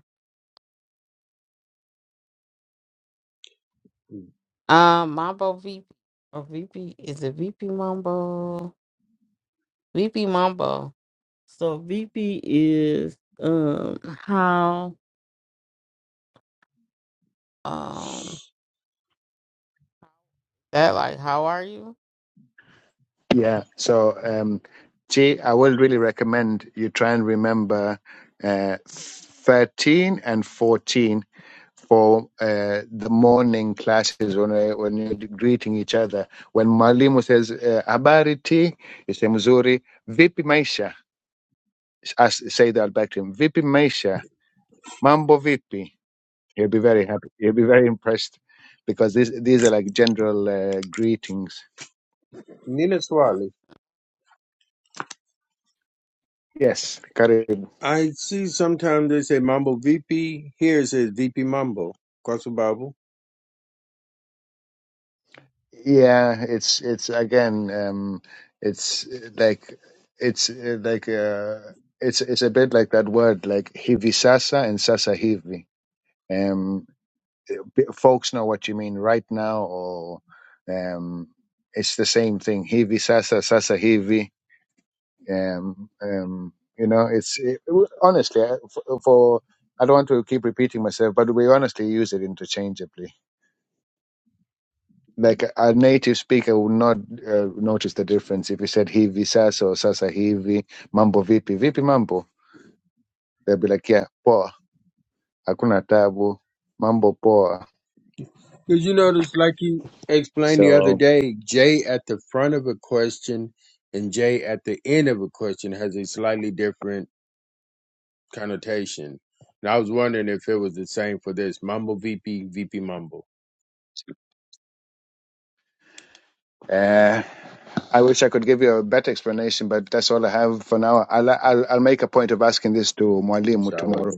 Um, Mambo VP or VP is it VP Mambo? VP Mambo. So VP is um how um that like how are you? yeah so um Chi, i will really recommend you try and remember uh 13 and 14 for uh, the morning classes when we- when you're greeting each other. When mwalimu says uh, habari ti, you say mzuri. Vipi maisha? As say that back to him. Vipi maisha? Mambo vipi? He'll be very happy. He'll be very impressed because these these are like general uh, greetings. Nina Swali. Yes, karibu. I see sometimes they say Mambo VP. Here it says VP Mambo. Kwasu Babu. Yeah, it's it's again, um, it's uh, like it's uh, like uh, it's it's a bit like that word like hivi sasa and sasa hivi Um, b- folks know what you mean right now, or um, it's the same thing. Heavy sasa sasa heavy. Um, um, you know, it's it, honestly I- for, for I don't want to keep repeating myself, but we honestly use it interchangeably. Like a a native speaker would not uh, notice the difference if you said hivi sasa or sasa hivi, mambo vipi, vipi mambo. They'll be like, yeah, poa, hakuna tabu, mambo poa. Because you notice, like you explained the other So. day, J at the front of a question and J at the end of a question has a slightly different connotation. And I was wondering if it was the same for this Mambo VP, VP Mambo. Uh, I wish I could give you a better explanation, but that's all I have for now. I'll I'll, I'll make a point of asking this to Mwalimu So I was tomorrow.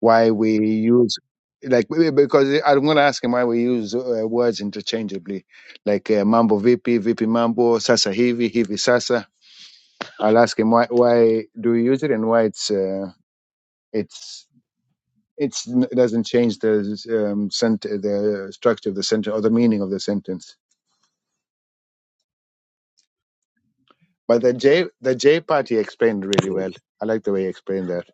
Why we use like because I'm going to ask him why we use uh, words interchangeably, like uh, mambo vipi, vipi mambo, sasa hivi, hivi sasa. I'll ask him why why do we use it and why it's uh, it's it's it doesn't change the um, sent the structure of the sentence or the meaning of the sentence. But the J the J part he explained really well. confused. I like the way he explained that.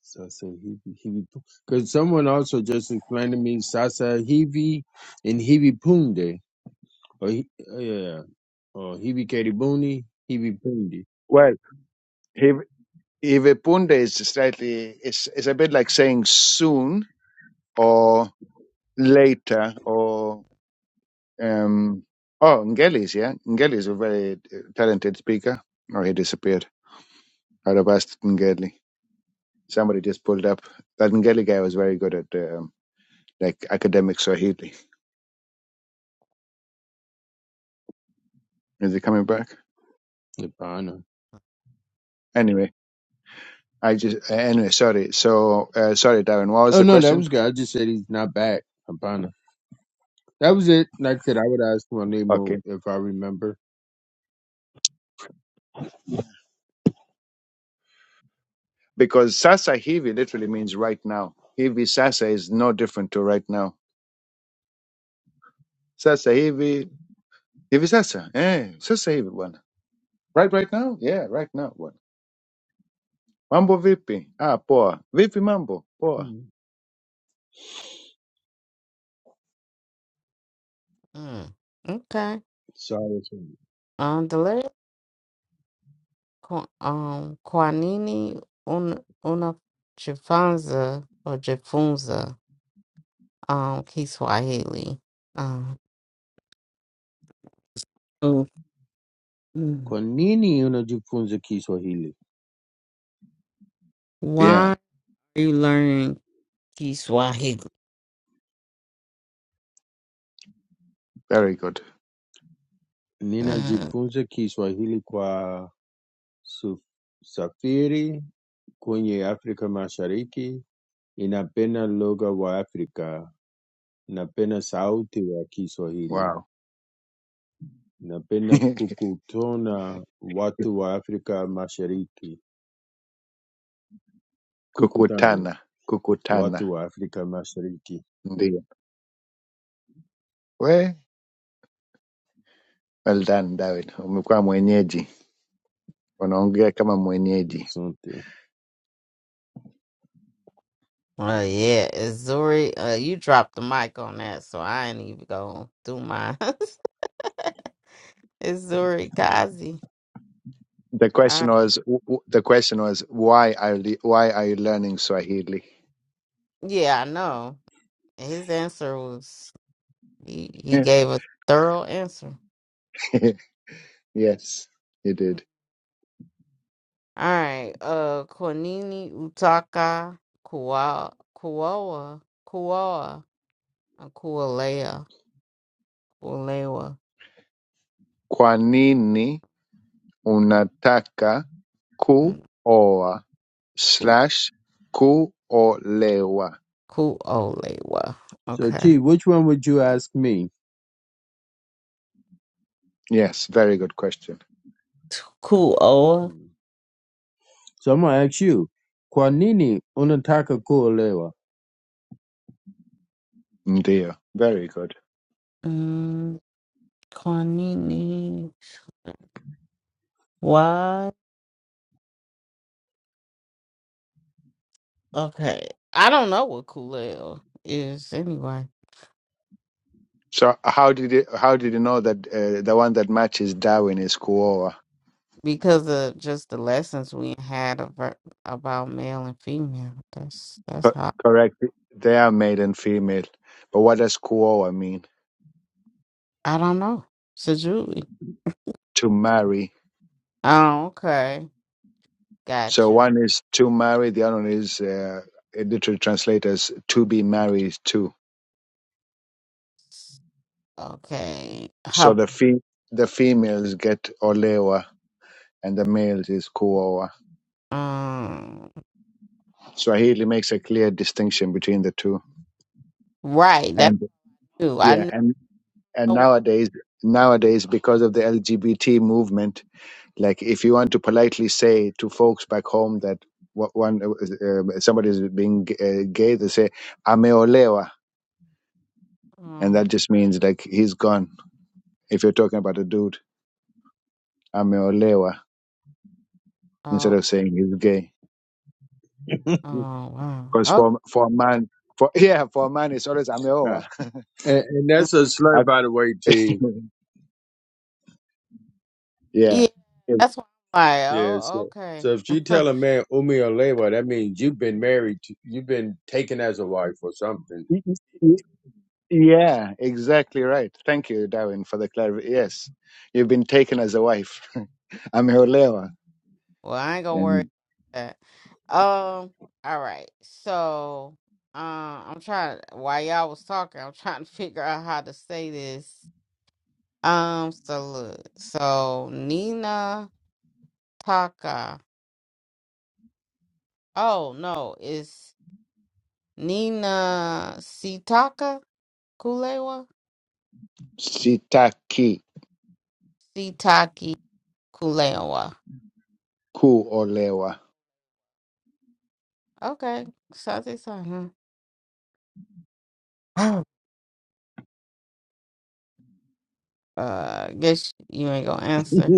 Sasa I say Hivi, Hivi, because someone also just explained to me Sasa Hivi and Hivi Punde, or Hi- yeah, or Hivi Karibuni, Hivi Punde, Well, He Hivepunde is slightly it's it's a bit like saying soon or later or um oh Ngelis, yeah. Ngeli is a very uh, talented speaker. Oh he disappeared. I'd have asked Ngeli. Somebody just pulled up. That Ngeli guy was very good at um, like academic Swahili. Is he coming back? Hapana. Anyway, I just anyway, sorry. So uh, sorry Darren, what was Oh the no, that was question? good. I just said he's not back, Hapana. That was it. Like I said, I would ask my Okay. name if I remember. because sasa hivi literally means right now. Hivi sasa is no different to right now. Sasa hivi, hivi sasa, eh, sasa hivi bwana. Right right now? Yeah, right now bwana. Mambo vipi? Ah, poa. Vipi mambo? Poa. Mm. Mm. Okay. Sorry. Um, delay Qu- um Kwanini un una chifanza or Jifunza. um Kiswahili. Um, so, mm, Kwa nini unajifunza Kiswahili? why Yeah, are you learning Kiswahili? very good. Mm. Ninajifunza Kiswahili kwa su- safiri kwenye Afrika Mashariki Ninapenda lugha wa Afrika, napenda sauti wa Kiswahili, Wow. napenda kukutana watu wa Afrika Mashariki, kukutana kukutana, kukutana. watu wa Afrika Mashariki. Ndio. We, well done David. Umekuwa mwenyeji. Unaongea kama mwenyeji. Asante. Well, yeah, Azuri, uh, you dropped the mic on that, so I ain't even gonna do mine. Azuri Kazi. The Uh, question was w- w- the question was why are you why are you learning Swahili? yeah, I know. His answer was he, he gave a thorough answer. yes, you did. All right, uh, Kwanini Utaka Kua Kuoa Kuoa Kualea Kualewa. Kwa nini unataka hmm. kuoa slash kuolewa? Kuolewa. So Okay. T, which one would you ask me? Yes, very good question. Kuoa. Hmm. So I'm gonna ask you, kwa nini unataka kuolewa? Ndio, very good. Mm, Kwanini. Why? Okay. I don't know what Kuleo is anyway So how did you, how did you know that uh, the one that matches Darwin is Kuoa? because of just the lessons we had about, about male and female. That's that's Co- how Correct. They are male and female. But what does Kuoa mean? I don't know. So Julie. To marry. Oh, okay. Got So you. one is to marry, the other one is uh, it literally translates as to be married to. Okay. So How, the fe- the females get Olewa and the males is Kuoa. um, Swahili makes a clear distinction between the two. right. That's And true. yeah, I and and knew. nowadays nowadays because of the LGBT movement like if you want to politely say to folks back home that wha- one uh, somebody is being g- uh, gay, they say ameolewa, and that just means like he's gone. If you're talking about a dude, ameolewa, Um, instead of saying he's gay, Oh wow. because Okay. for for a man, for yeah, for a man, it's always ameoa. Right. And, and Mm, that's a slur, I by the way, c- T. yeah. Yeah, Y- that's why I'm like, Yeah, so, oh, okay. so if you tell a man umialewa, that means you've been married, to, you've been taken as a wife or something. y- Yeah, exactly right. Thank you, Darwin, for the clarity. Yes, you've been taken as a wife. ameolewa. Well, I ain't gonna worry about that. Um, all right. So, uh, I'm trying while y'all was talking, I'm trying to figure out how to say this. Um, so look, so Nina Taka. Oh no, it's Nina Sitaka Kulewa? sitaki Sitaki Kulewa. kuolewa. Okay. So I think so, huh? Uh, guess you ain't gonna answer.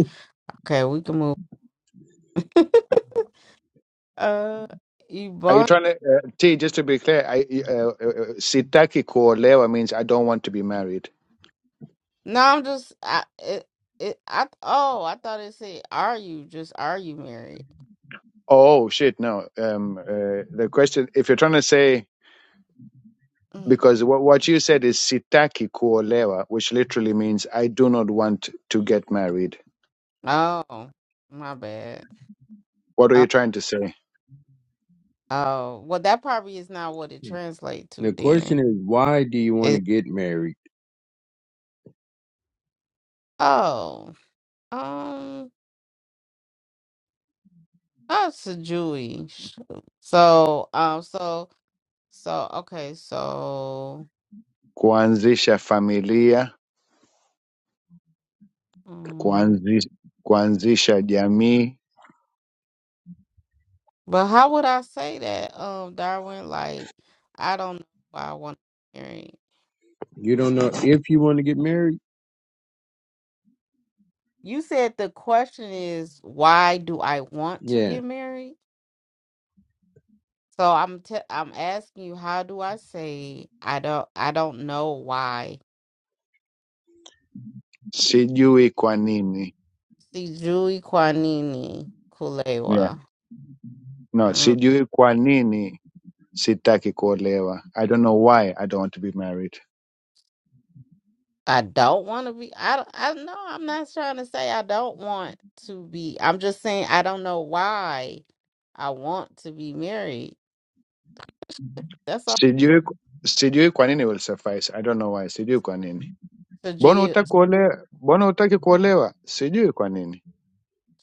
Okay, we can move. uh, Are you Ebon. trying to uh, T? Just to be clear, I, uh, uh, uh, sitaki kuolewa means I don't want to be married. No, I'm just. I it, it. I oh, I thought it said, "Are you just are you married?" Oh shit, no. Um, uh, the question, if you're trying to say Mm. because what what you said is sitaki kuolewa, which literally means I do not want to get married. Oh, my bad. What are Uh, you trying to say? oh, well, that probably is not what it translates to. The question Then is, why do you want to it. get married? Oh, um, that's a Jewish. So, um, so, so, okay, so. Kuanzisha familia, mm, kuanzisha, kuanzisha jamii, But how would I say that, um, Darwin? Like, I don't know why I want to get married. You don't know if you want to get married? You said the question is why do I want to Yeah. get married? So I'm te- I'm asking you, how do I say I don't I don't know why? sijui kwa nini. See, Julie Kwanini Yeah. Kulewa. No, Mm, sijui kwa nini sitaki kuolewa i don't know why i don't want to be married I don't want to be. I don't- I know I'm not trying to say I don't want to be. I'm just saying I don't know why I want to be married. That's sijui sijui kwa nini will suffice i don't know why sijui kwa nini mbona all. hutaki kuolewa mbona hutaki kuolewa sijui kwa nini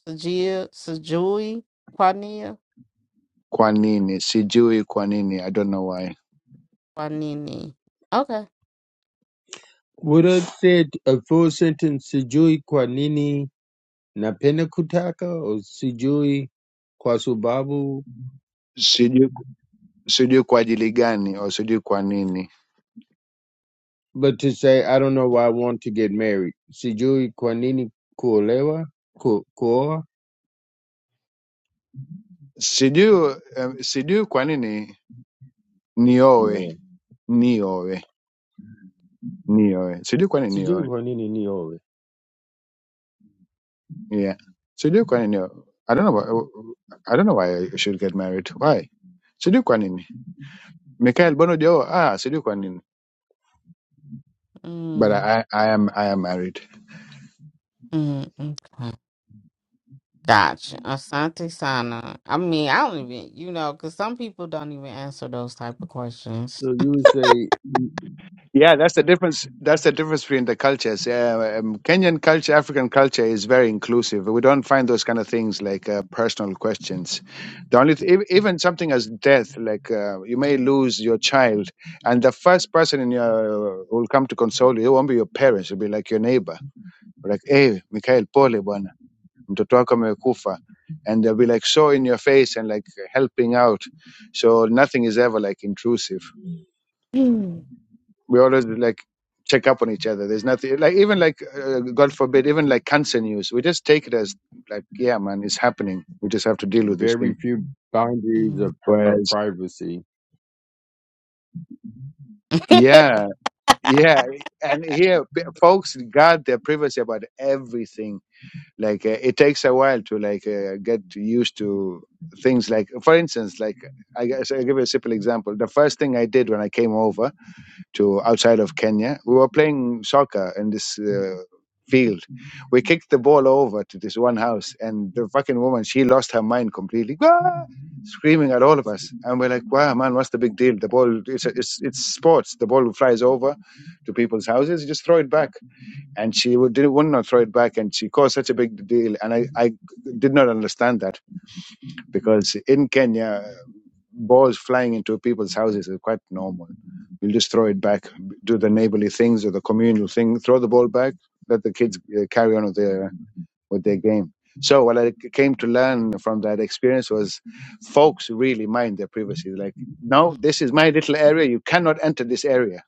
Sajia, Sajui, Quania, kwa nini sijui kwa nini i don't know why Quanini. Okay. Would have said a full sentence, sijui kwa nini napenda kutaka or sijui kwa sababu, sijui sijui kwa ajili gani au sijui kwa nini but to say, I don't know why I want to get married. Sijui kwa nini kuolewa, ku, kuoa, sijui um, sijui kwa nini nioe no. nioe nioe sijui kwa nini Sijui nioe kwa nini niowe. yeah sijui kwa nini nioe. i don't know why, i don't know why i should get married why sijui kwa nini Mikhail Bono Joe, ah, sijui kwa nini. But Mm, I, I am I am married. mm, okay. Gotcha. Asante Sana. I mean, I don't even, you know, because some people don't even answer those type of questions. So you would say mm, Yeah, that's the difference. That's the difference between the cultures. Uh, um, Kenyan culture, African culture is very inclusive. We don't find those kind of things like uh, personal questions. The only th- ev- even something as death, like uh, you may lose your child, and the first person in your who will come to console you it won't be your parents. It'll be like your neighbor. Like, hey, Mikhail, pole bwana." mtoto wako amekufa and they'll be like so in your face and like helping out so nothing is ever like intrusive Mm, we always like check up on each other there's nothing like even like uh, god forbid even like cancer news we just take it as like yeah man it's happening we just have to deal with this thing very few boundaries mm. of, of whereas privacy yeah yeah and here p- folks guard their privacy about everything like uh, it takes a while to like uh, get used to things like for instance like I guess I'll give you a simple example. The first thing I did when I came over to outside of Kenya, we were playing soccer in this uh, field. We kicked the ball over to this one house, and the fucking woman, she lost her mind completely, "Ah!" screaming at all of us. And we're like, wow, man, what's the big deal? The ball, it's, it's, it's sports. The ball flies over to people's houses, you just throw it back and she would, didn't wouldn't throw it back, and she caused such a big deal. And I, I did not understand that because in Kenya, balls flying into people's houses is quite normal. You'll just throw it back, do the neighborly things or the communal thing, throw the ball back, let the kids uh, carry on with their with their game. So what I came to learn from that experience was, folks really mind their privacy. Like, no, this is my little area. You cannot enter this area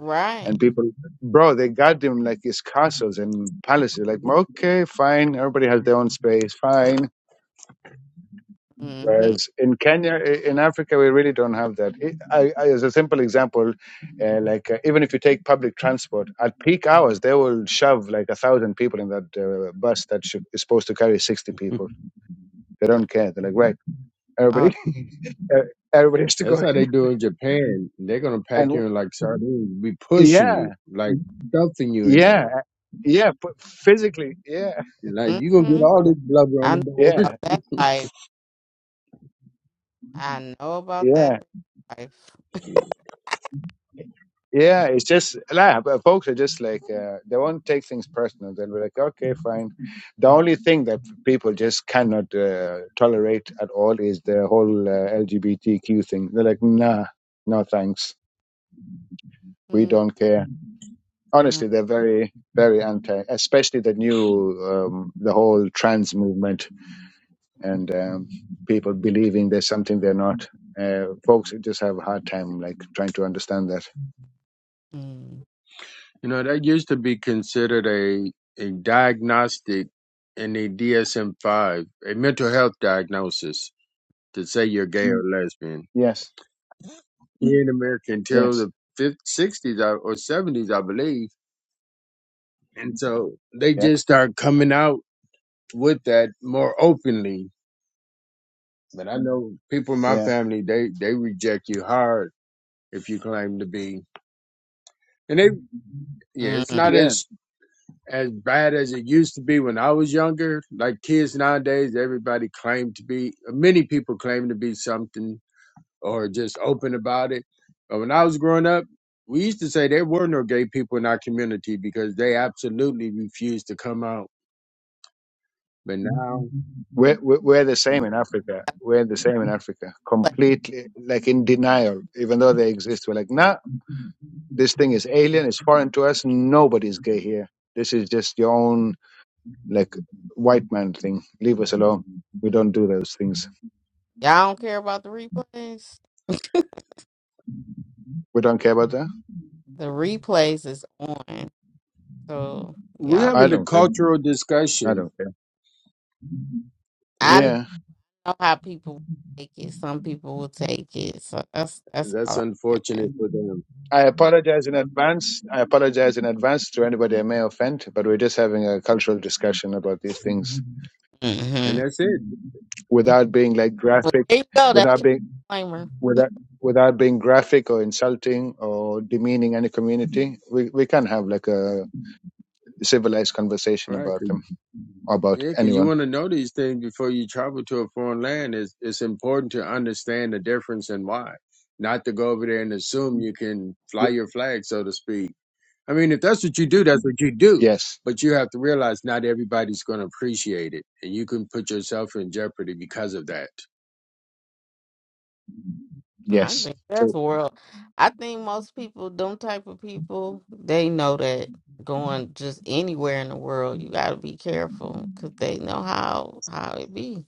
right. and people, bro, they got them like it's castles and palaces. Like, okay, fine. Everybody has their own space. Fine. Mm-hmm. Whereas in Kenya, i- in Africa, we really don't have that. I, I, I- as a simple example, uh, like uh, even if you take public transport at peak hours, they will shove like a thousand people in that uh, bus that sh- is supposed to carry sixty people. They don't care. They're like, right, Oh, everybody, uh, everybody has to go That's how in. they do in Japan. They're gonna pack And you in like sardines, be pushing you, yeah, like stuffing you in yeah, there. yeah, but physically, yeah, Like you gonna get mm-hmm. all yeah, this blubber on I the know board. about yeah, that life. I know about yeah. that life. Yeah, it's just nah, but folks are just like uh, they won't take things personal. They'll be like, okay, fine. The only thing that people just cannot uh, tolerate at all is the whole uh, LGBTQ thing. They're like, nah, no thanks, we Mm, don't care. mm, Honestly, they're very, very anti, especially the new, um, the whole trans movement and um, people believing there's something they're not. Uh, folks just have a hard time like trying to understand that. mm, You know that used to be considered a a diagnostic in the DSM five, a mental health diagnosis to say you're gay or lesbian Yes, here in America until yes, the fifth, 60s I- or seventies, I believe. And so they yeah, just start coming out with that more openly But I know people in my yeah. family they they reject you hard if you claim to be. And they yeah, it's mm. not Yeah, as as bad as it used to be when I was younger. Like kids nowadays, everybody claim to be many people claim to be something or just open about it. But when I was growing up, we used to say there were no gay people in our community because they absolutely refused to come out. But now We're, we're we're the same in Africa. We're the same in Africa. Like, Completely, like in denial, even though they exist. We're like, Yeah. nah, this thing is alien. It's foreign to us. Nobody's gay here. This is just your own, like, white man thing. Leave us alone. We don't do those things. y'all don't care about the replays? We don't care about that. The replays is on. So We're y'all I having be. a don't care. cultural I discussion. don't care. Yeah. I know Yeah. how people take it. Some people will take it. So that's that's That's all I'm unfortunate saying. for them. I apologize in advance. I apologize in advance to anybody I may offend, but we're just having a cultural discussion about these things And Mm-hmm. that's it. without being like But graphic, there you go. That's without your being disclaimer. without without being graphic or insulting or demeaning any community we we can have like a civilized conversation Right. about 'cause- them or about yeah, because you anyone want to know these things before you travel to a foreign land. It's, it's important to understand the difference and why, not to go over there and assume you can fly Y- your flag, so to speak. I mean, if that's what you do, that's what you do. yes But you have to realize not everybody's going to appreciate it, and you can put yourself in jeopardy because of that. And I yes think that's so world. I think most people, them type of people, they know that going just anywhere in the world, you got to be careful because they know how how it be.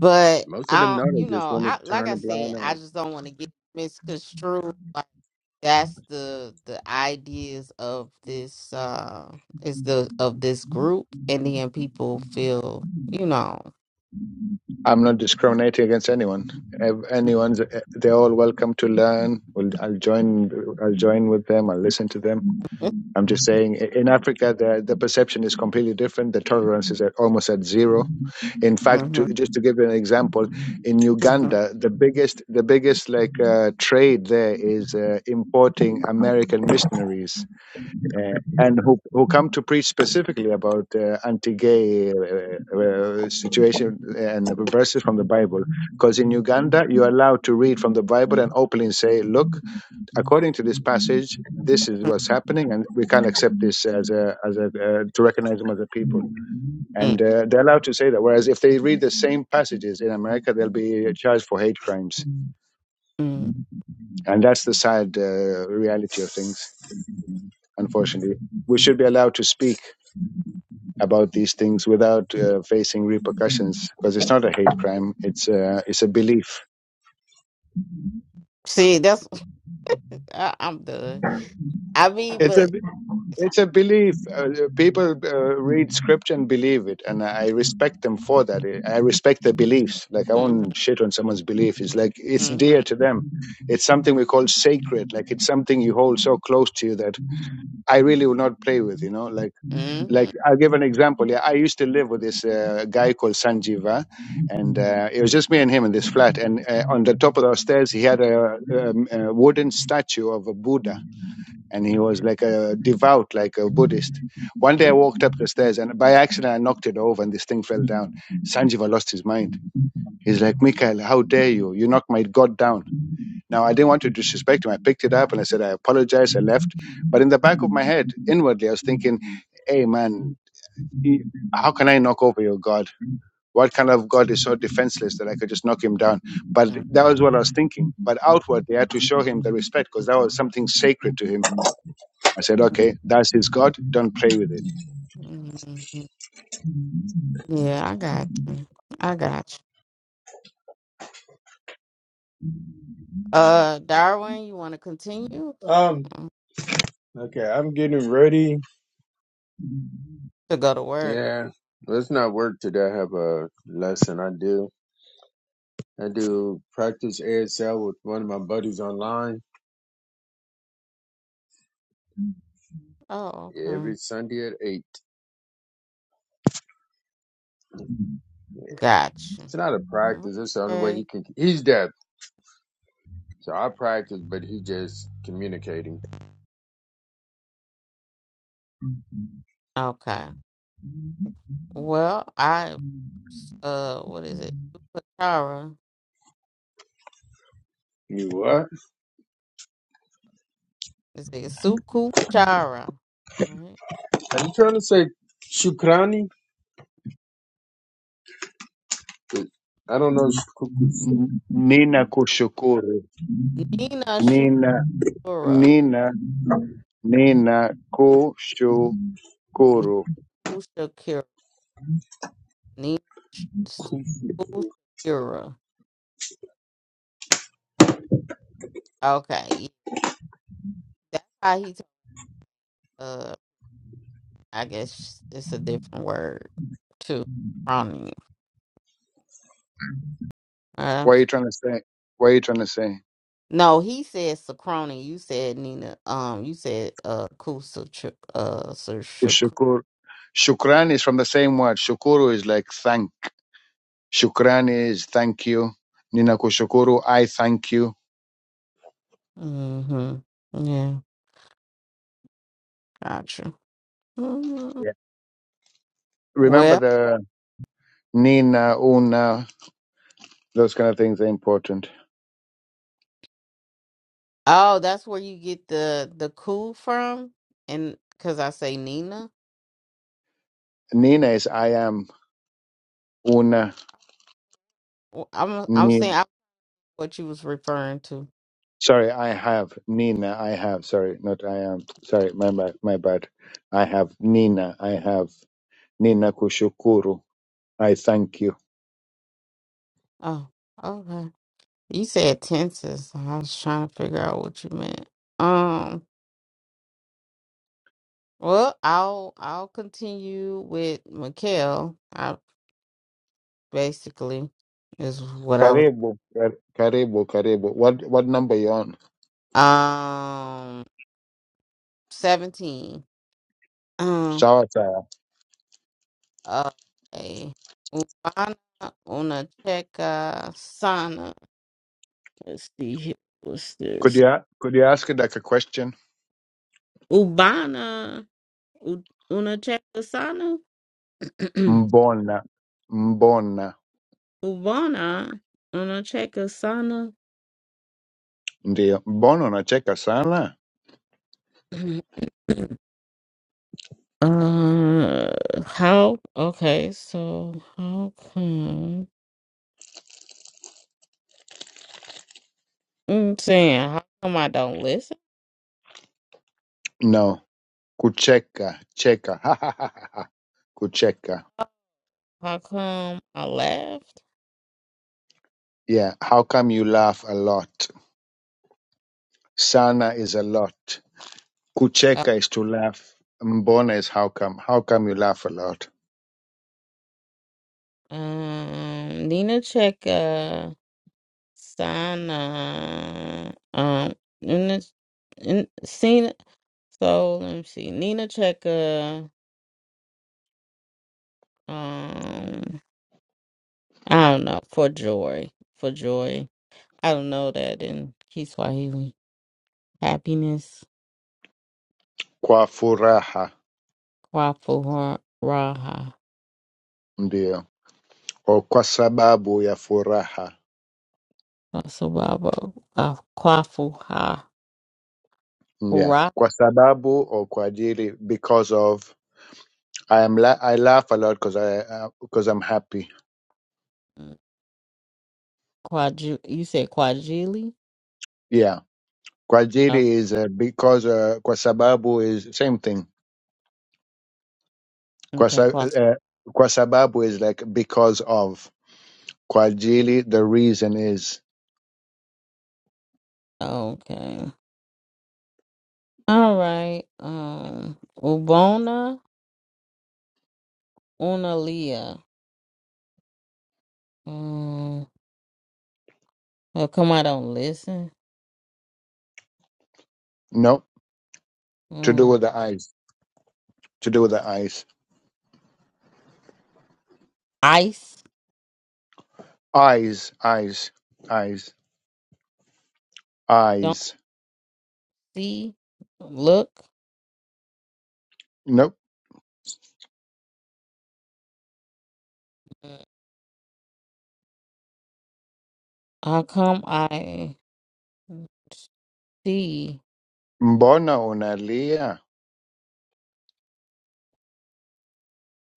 But Most of them I, know don't, they you just know, want I to like turn I a said, I blind just don't want to get misconstrued. that's eye. the the ideas of this uh is the of this group and then people feel you know i'm not discriminating against anyone Ev- anyone's they're all welcome to learn Well, i'll join i'll join with them i'll listen to them i'm just saying i- in africa the the perception is completely different the tolerance is at, almost at zero In fact, to, Mhm, just to give you an example, in mhm, Uganda, the biggest the biggest like uh, trade there is uh, importing American missionaries. Uh, and who who come to preach specifically about uh, anti-gay uh, uh, situation and verses from the Bible? Because in Uganda, you're allowed to read from the Bible and openly say, "Look, according to this passage, this is mhm, what's happening, and we can't accept this as a as a uh, to recognize them as a people." mm, and uh, they're allowed to say that. Whereas if they read the same passages in America, they'll be charged for hate crimes, mm. and that's the sad uh, reality of things. Unfortunately, we should be allowed to speak about these things without uh, facing repercussions because it's not a hate crime; it's uh, it's a belief. see that's I, i'm done i mean It's a. but It's a belief. Uh, people uh, read scripture and believe it, and I respect them for that. I respect their beliefs. Like I mhm, won't shit on someone's belief. It's like it's dear mhm, to them. It's something we call sacred. Like it's something you hold so close to you that I really will not play with. You know, like like mhm, I'll give an example. Yeah, I used to live with this uh, guy called Sanjiva, and uh, it was just me and him in this flat. And uh, on the top of our stairs, he had a, um, a wooden statue of a Buddha and he was like a devout, like a Buddhist. One day I walked up the stairs and by accident I knocked it over and this thing fell down. Sanjiva lost his mind. He's like, Mikhail, how dare you? You knocked my God down. Now I didn't want to disrespect him. I picked it up and I said, I apologize. I left. But in the back of my head, inwardly, I was thinking, hey man, how can I knock over your God? What kind of God is so defenseless that I could just knock him down? But mhm, that mhm, was what I was thinking. But outwardly, I had to show him the respect because that was something sacred to him I said, okay, that's his God. Don't play with it. mhm. yeah i got you i got you uh darwin you want to continue Um. Mm, Okay, I'm getting ready. to go to work Yeah, let's not work today. I have a lesson I do. I do practice ASL with one of my buddies online oh okay every Sunday at eight. gotcha It's not a practice. It's the only way okay he can. He's deaf, so I practice, but he just communicating. okay Well, I uh, what is it? Chara. You what? Is it Suku Chara? Right. Are you trying to say Shukrani? I don't know. N- Nina kushukuru. Nina Nina, Shura. Nina, Nina kushukuru. Niku Shakira. Nina Sh- Suku Shakira. Okay, that's how he. talk. Uh, I guess it's a different word too. Crony. Uh, What are you trying to say? What are you trying to say? no, he said Sacroni. You said Nina. Um, you said uh Kusa. Ch- Uh, Sir Shakur. Kushukuru. Shukran is from the same word. Shukuru is like thank. Shukran is thank you. Nina kushukuru, I thank you. Mm-hmm. Yeah. Gotcha. Mm, Yeah. Remember Well, the Nina, Una, those kind of things are important. oh, that's where you get the the cool from, and because I say Nina, Nina is I am. Una, Well, I'm I'm Nina. saying I, what you was referring to. Sorry, I have Nina. I have sorry, not I am sorry. My bad. My bad. I have Nina. I have Nina kushukuru. I thank you. Oh, okay. You said tenses. so I was trying to figure out what you meant. Um. Well, I'll I'll continue with Mikhail. I basically is what I was. Karibu, kar- karibu, karibu. What what number you on? Um. Seventeen. Um, Sawa sawa. Okay. Ubana Unateca Sana. Let's see here. What's Could this? you a- could you ask it like a question? Ubana U- Unateca Sana? Mbona, mbona. Ubana Unateca Sana? Ndio. Mbona unacheka sana? uh, how? Okay, so how come? I'm saying, how come I don't listen? No. Kucheka, cheka. Kucheka. How come I left? Yeah. How come you laugh a lot? Sana is a lot. Uh, Kucheka is to laugh. Mbona is how come. How come you laugh a lot? um, Nina Checa. Sana, um, Nina, N- Cena. So let me see. Nina Checker. Um, I don't know. For joy, for joy. I don't know that in Kiswahili. Happiness. Kwa furaha, Kwafu raha. ndio. Or kwa sababu ya furaha. Sababa. Kwafu ha. Yeah. Ra. Kwa sababu or kwa ajili because of I am la- I laugh a lot because I uh, because I'm happy. Kwaju. You said Kwajili. Yeah. Kwa Oh, ajili is uh, because uh, kwa sababu is same thing. Kwa, okay. sa- Kwasu. uh, kwa sababu is like because of. Kwa ajili the reason is Okay. All right. Um. Ubona. Unalia, Mm. How come I don't listen? no to do Mm. with the eyes. To do with the eyes. Ice. Eyes, eyes, eyes, Don't eyes. see. Look. Nope. Mm. How come I see? Mbona unalia?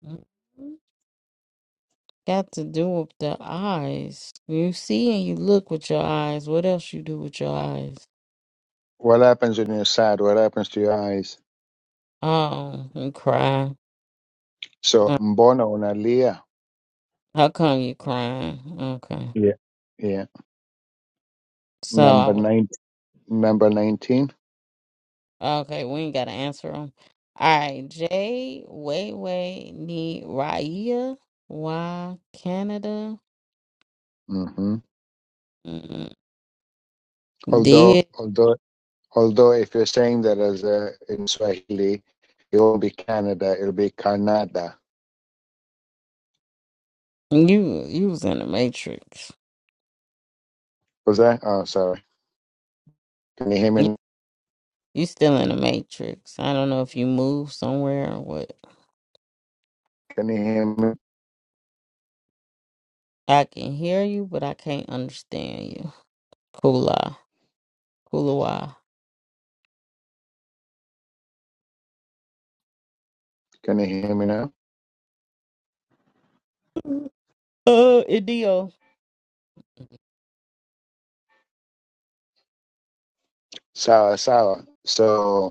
Mm. Got to do with the eyes. You see and you look with your eyes. What else you do with your eyes? What happens when you're sad? What happens to your eyes? Oh, you cry. So Uh, mbona unalia? How come you crying? Okay. Yeah, yeah. So Number I. nine, number nineteen. Okay, we ain't gotta answer them. All right, Jay, Way Way, Need Raya, Why Canada? Mm-hmm. Mm-mm. Although, Did although, although, if you're saying that as a in Swahili, it won't be Canada. It'll be Canada. you you was in the Matrix? Was that? Oh, sorry. Can you hear You, me? you still in the Matrix? I don't know if you moved somewhere or what. Can you hear me? I can hear you, but I can't understand you. Kula, Kulawa. Can you hear me now? Uh, Idio, Sawa, sawa. So.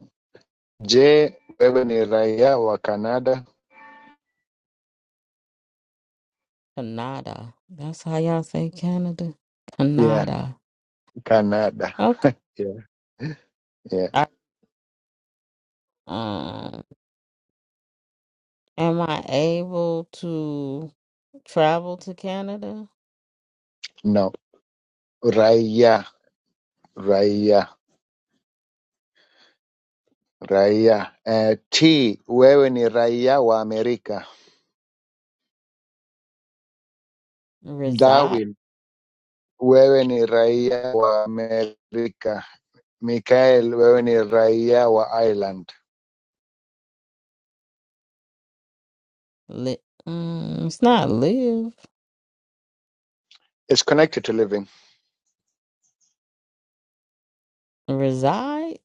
Je, wewe ni raia wa Canada? Canada. That's how y'all say Canada. Yeah, Canada. Canada. Okay. Yeah, yeah. I, um, Am I able to travel to Canada? No, raia, raia, raia. Eh, T, wewe ni raia wa Amerika. Reside? Darwin, wewe ni raia wa Amerika. Michael, wewe ni raia wa Ireland. Li- mm, it's not live. It's connected to living. Reside?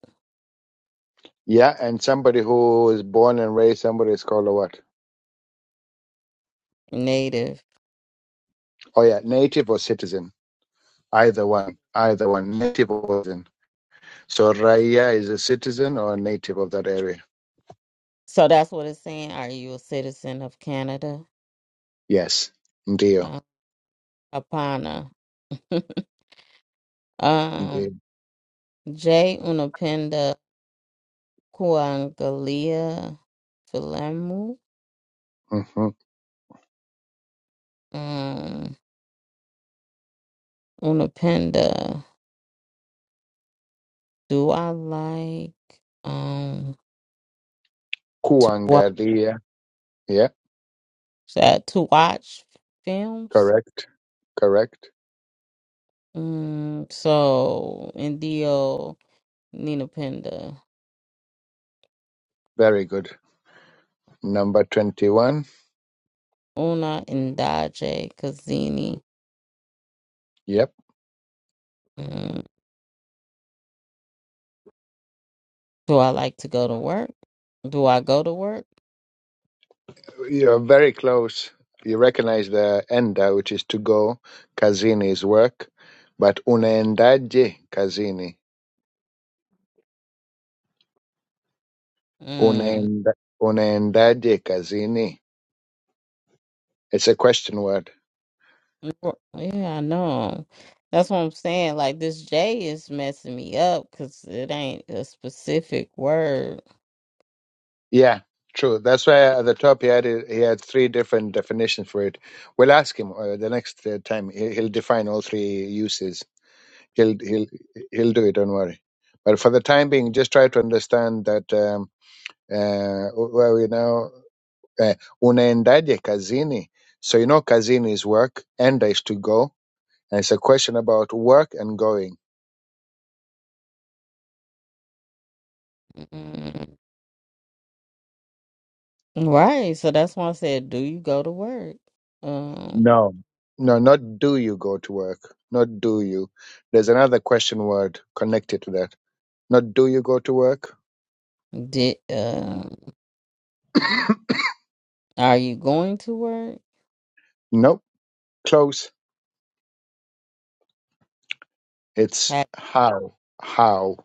Yeah, and somebody who is born and raised somebody is called a what? Native. Oh yeah, native or citizen. Either one, either one, native or citizen. So Raia is a citizen or a native of that area. So that's what it's saying. Are you a citizen of Canada? Yes. Ndio. Uh, apana. um, Ndio. J. Unapenda Kuangalia Filemu. hmm Um, Unapenda. Do I like um to watch Kuangalia. Yeah. that? To watch films? Correct. Correct. Mm, so, Indio, Nina Penda, Very good. Number 21. Una, Ndaje, Kazini. Yep. Mm, do I like to go to work? Do I go to work? You're very close. You recognize the enda, which is to go. Kazini is work. But unaendaje kazini? Mm, Unaenda, unaendaje kazini? It's a question word. wor- yeah, I know. That's what I'm saying. Like, this J is messing me up because it ain't a specific word. Yeah, true. That's why at the top he had it- he had three different definitions for it. We'll ask him uh, the next uh, time. He- He'll define all three uses. He'll he'll he'll do it. Don't worry. But for the time being, just try to understand that um, uh, well, you know, uh, unaendaje kazini. So you know, kazini is work, enda is to go, and it's a question about work and going. Mm. Right. So that's why I said, do you go to work? Um, No, no, not do you go to work, not do you. There's another question word connected to that Not do you go to work? did, um, are you going to Nope. Close. It's work? how. How.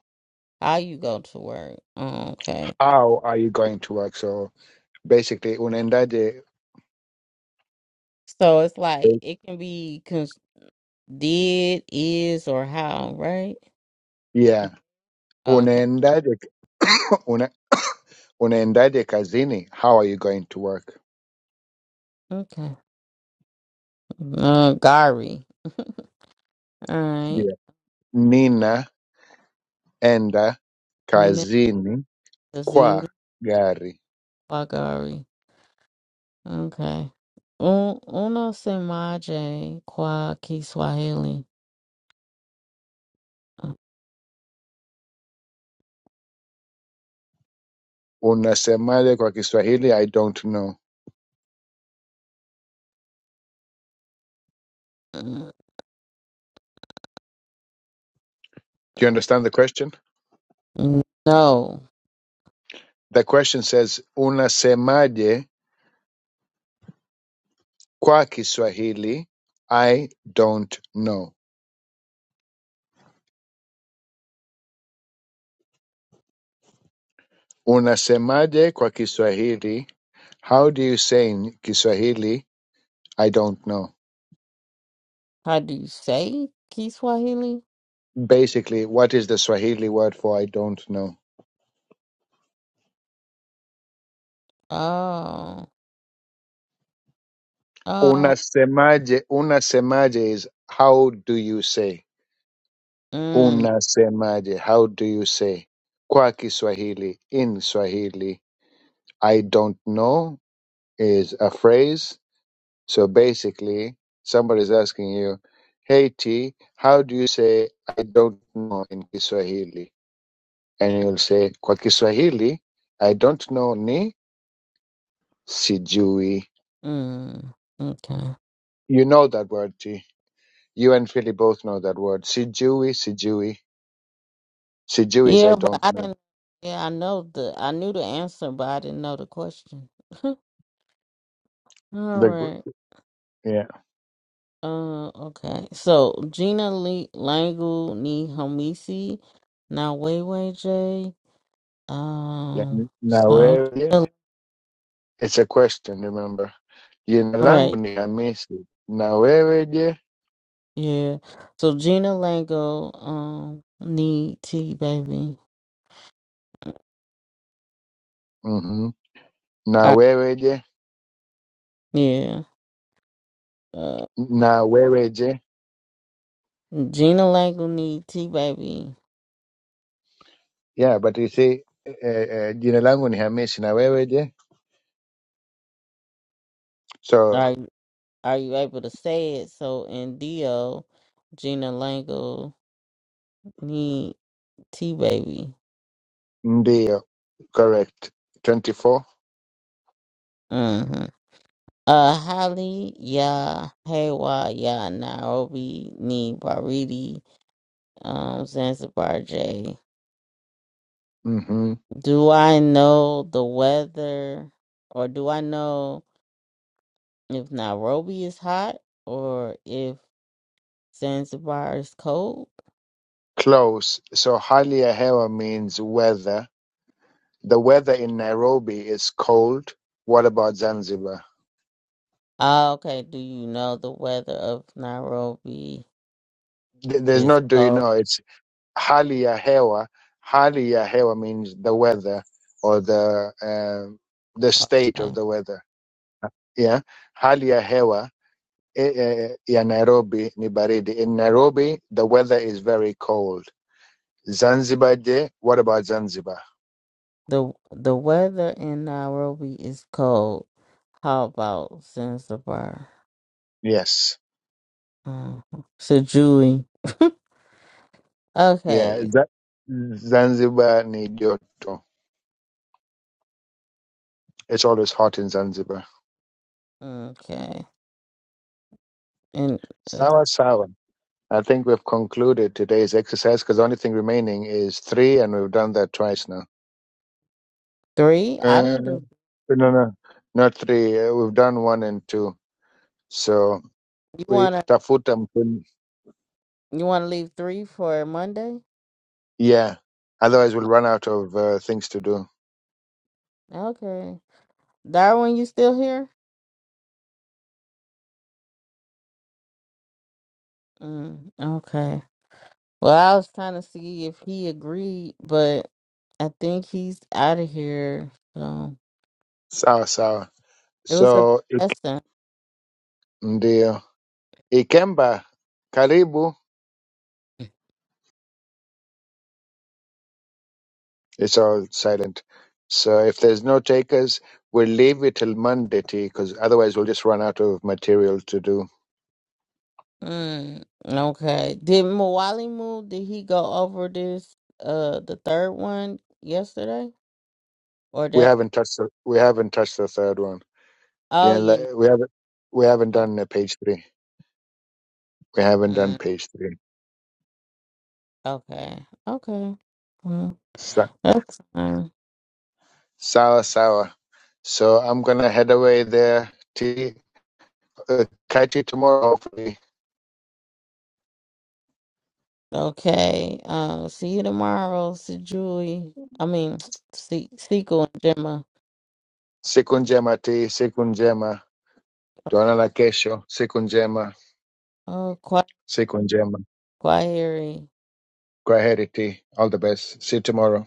How you go to work? Oh, okay. How are you going to work? So basically, unaendaje. So it's like it can be cons- did, is, or how, right? Yeah. Okay. Unaendaje. Una, unaendaje kazini. How are you going to work? Okay. Uh, Gary. All right. Yeah. Nina enda You know, kazini kwa Zini gari. Kwa Gari. Okay. Un- Uno se maje kwa Kiswahili. Unasemaje kwa Kiswahili? I don't know. Uh, Do you understand the question? No. The question says, unasemaje Kwa Kiswahili, I don't know. Unasemaje kwa Kiswahili? How do you say in Kiswahili, I don't know? How do you say Kiswahili? Basically, what is the Swahili word for I don't know? Oh. Oh. Unasemaje, unasemaje is how do you say? Mm. Unasemaje, how do you say? Kwa Kiswahili, in Swahili, I don't know is a phrase So basically, somebody's asking you, "Hey T, how do you say I don't know in Kiswahili?" And you'll say, "Kwa Kiswahili, I don't know ni sijui." Mm. Okay. You know that word, T. You and Philly both know that word. Sijui, sijui. Sijui is I Yeah, but don't I know. didn't. Yeah, I know the. I knew the answer, but I didn't know the question. All The gr- right. yeah. Uh. Okay. So Gina Lee Langu ni Homisi na Weiwei J. yeah. Um. Na So wewe? Gina- It's a question, remember. Jina langu right. ni Hamisi. Na wewe je? Yeah. So Gina Lango um ni T baby. Mhm. Na Uh, wewe je? yeah. Uh. Na wewe je? Gina Langu ni T baby. yeah but you see eh, eh, jina langu ni hamisi na wewe je so Like, Are you able to say it? So in Dio, Gina Langle need T baby. ndio correct 24 Mm-hmm. Uh, Holly, yeah, Haywa, yeah, Nairobi, ni Baridi, um, Zanzibar J. mm-hmm. Do I know the weather, or do I know if Nairobi is hot or if Zanzibar is cold? close so hali ya hewa means weather the weather in nairobi is cold what about zanzibar Ah, okay. Do you know the weather of Nairobi Th- there's is no do you cold? know it's hali ya hewa hali ya hewa means the weather or the um the state Okay. of the weather yeah hali ya hewa eh, eh, ya Nairobi ni baridi. In Nairobi, the weather is very cold. Zanzibar je, what about Zanzibar? The the weather in Nairobi is cold. How about Zanzibar? Yes. Mm. Sijui. Yeah, Okay. Z- Zanzibar ni joto. It's always hot in Zanzibar. Okay. And uh, Sawa sawa. I think we've concluded today's exercise because the only thing remaining is three, and we've done that twice now. three? I Uh, didn't do no, no, not three. Uh, we've done one and two. So you we wanna tafuta mkun- you wanna leave three for Monday? Yeah. Otherwise, we'll run out of uh, things to do. Okay. Darwin, you still here? Mm, okay. Well, I was trying to see if he agreed, but I think he's out of here. So Sawa sawa. it was a good So ik- lesson. ndio Ikemba, karibu. It's all silent. So if there's no takers, we'll leave it till Monday, because otherwise we'll just run out of material to do. Mm, okay. Did Mawali move? Did he go over this uh the third one yesterday? Or We that haven't touched the we haven't touched the third one. oh Yeah, yeah. le- we haven't we haven't Oh done uh, page three. We haven't done mm, page three. okay. Okay. Well, Sa- that's fine. Sawa sawa. So I'm gonna head away there. T uh, catch you tomorrow, hopefully. Okay. Uh. see you tomorrow, see Julie. I mean see Sequel and Gemma. Siku njema, T. Siku njema. Tuonana kesho. Siku njema, Oh quiet siku njema. quiet Kwaheri T. All the best. See you tomorrow.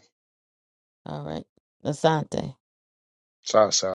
All right. Asante. Sawa sawa.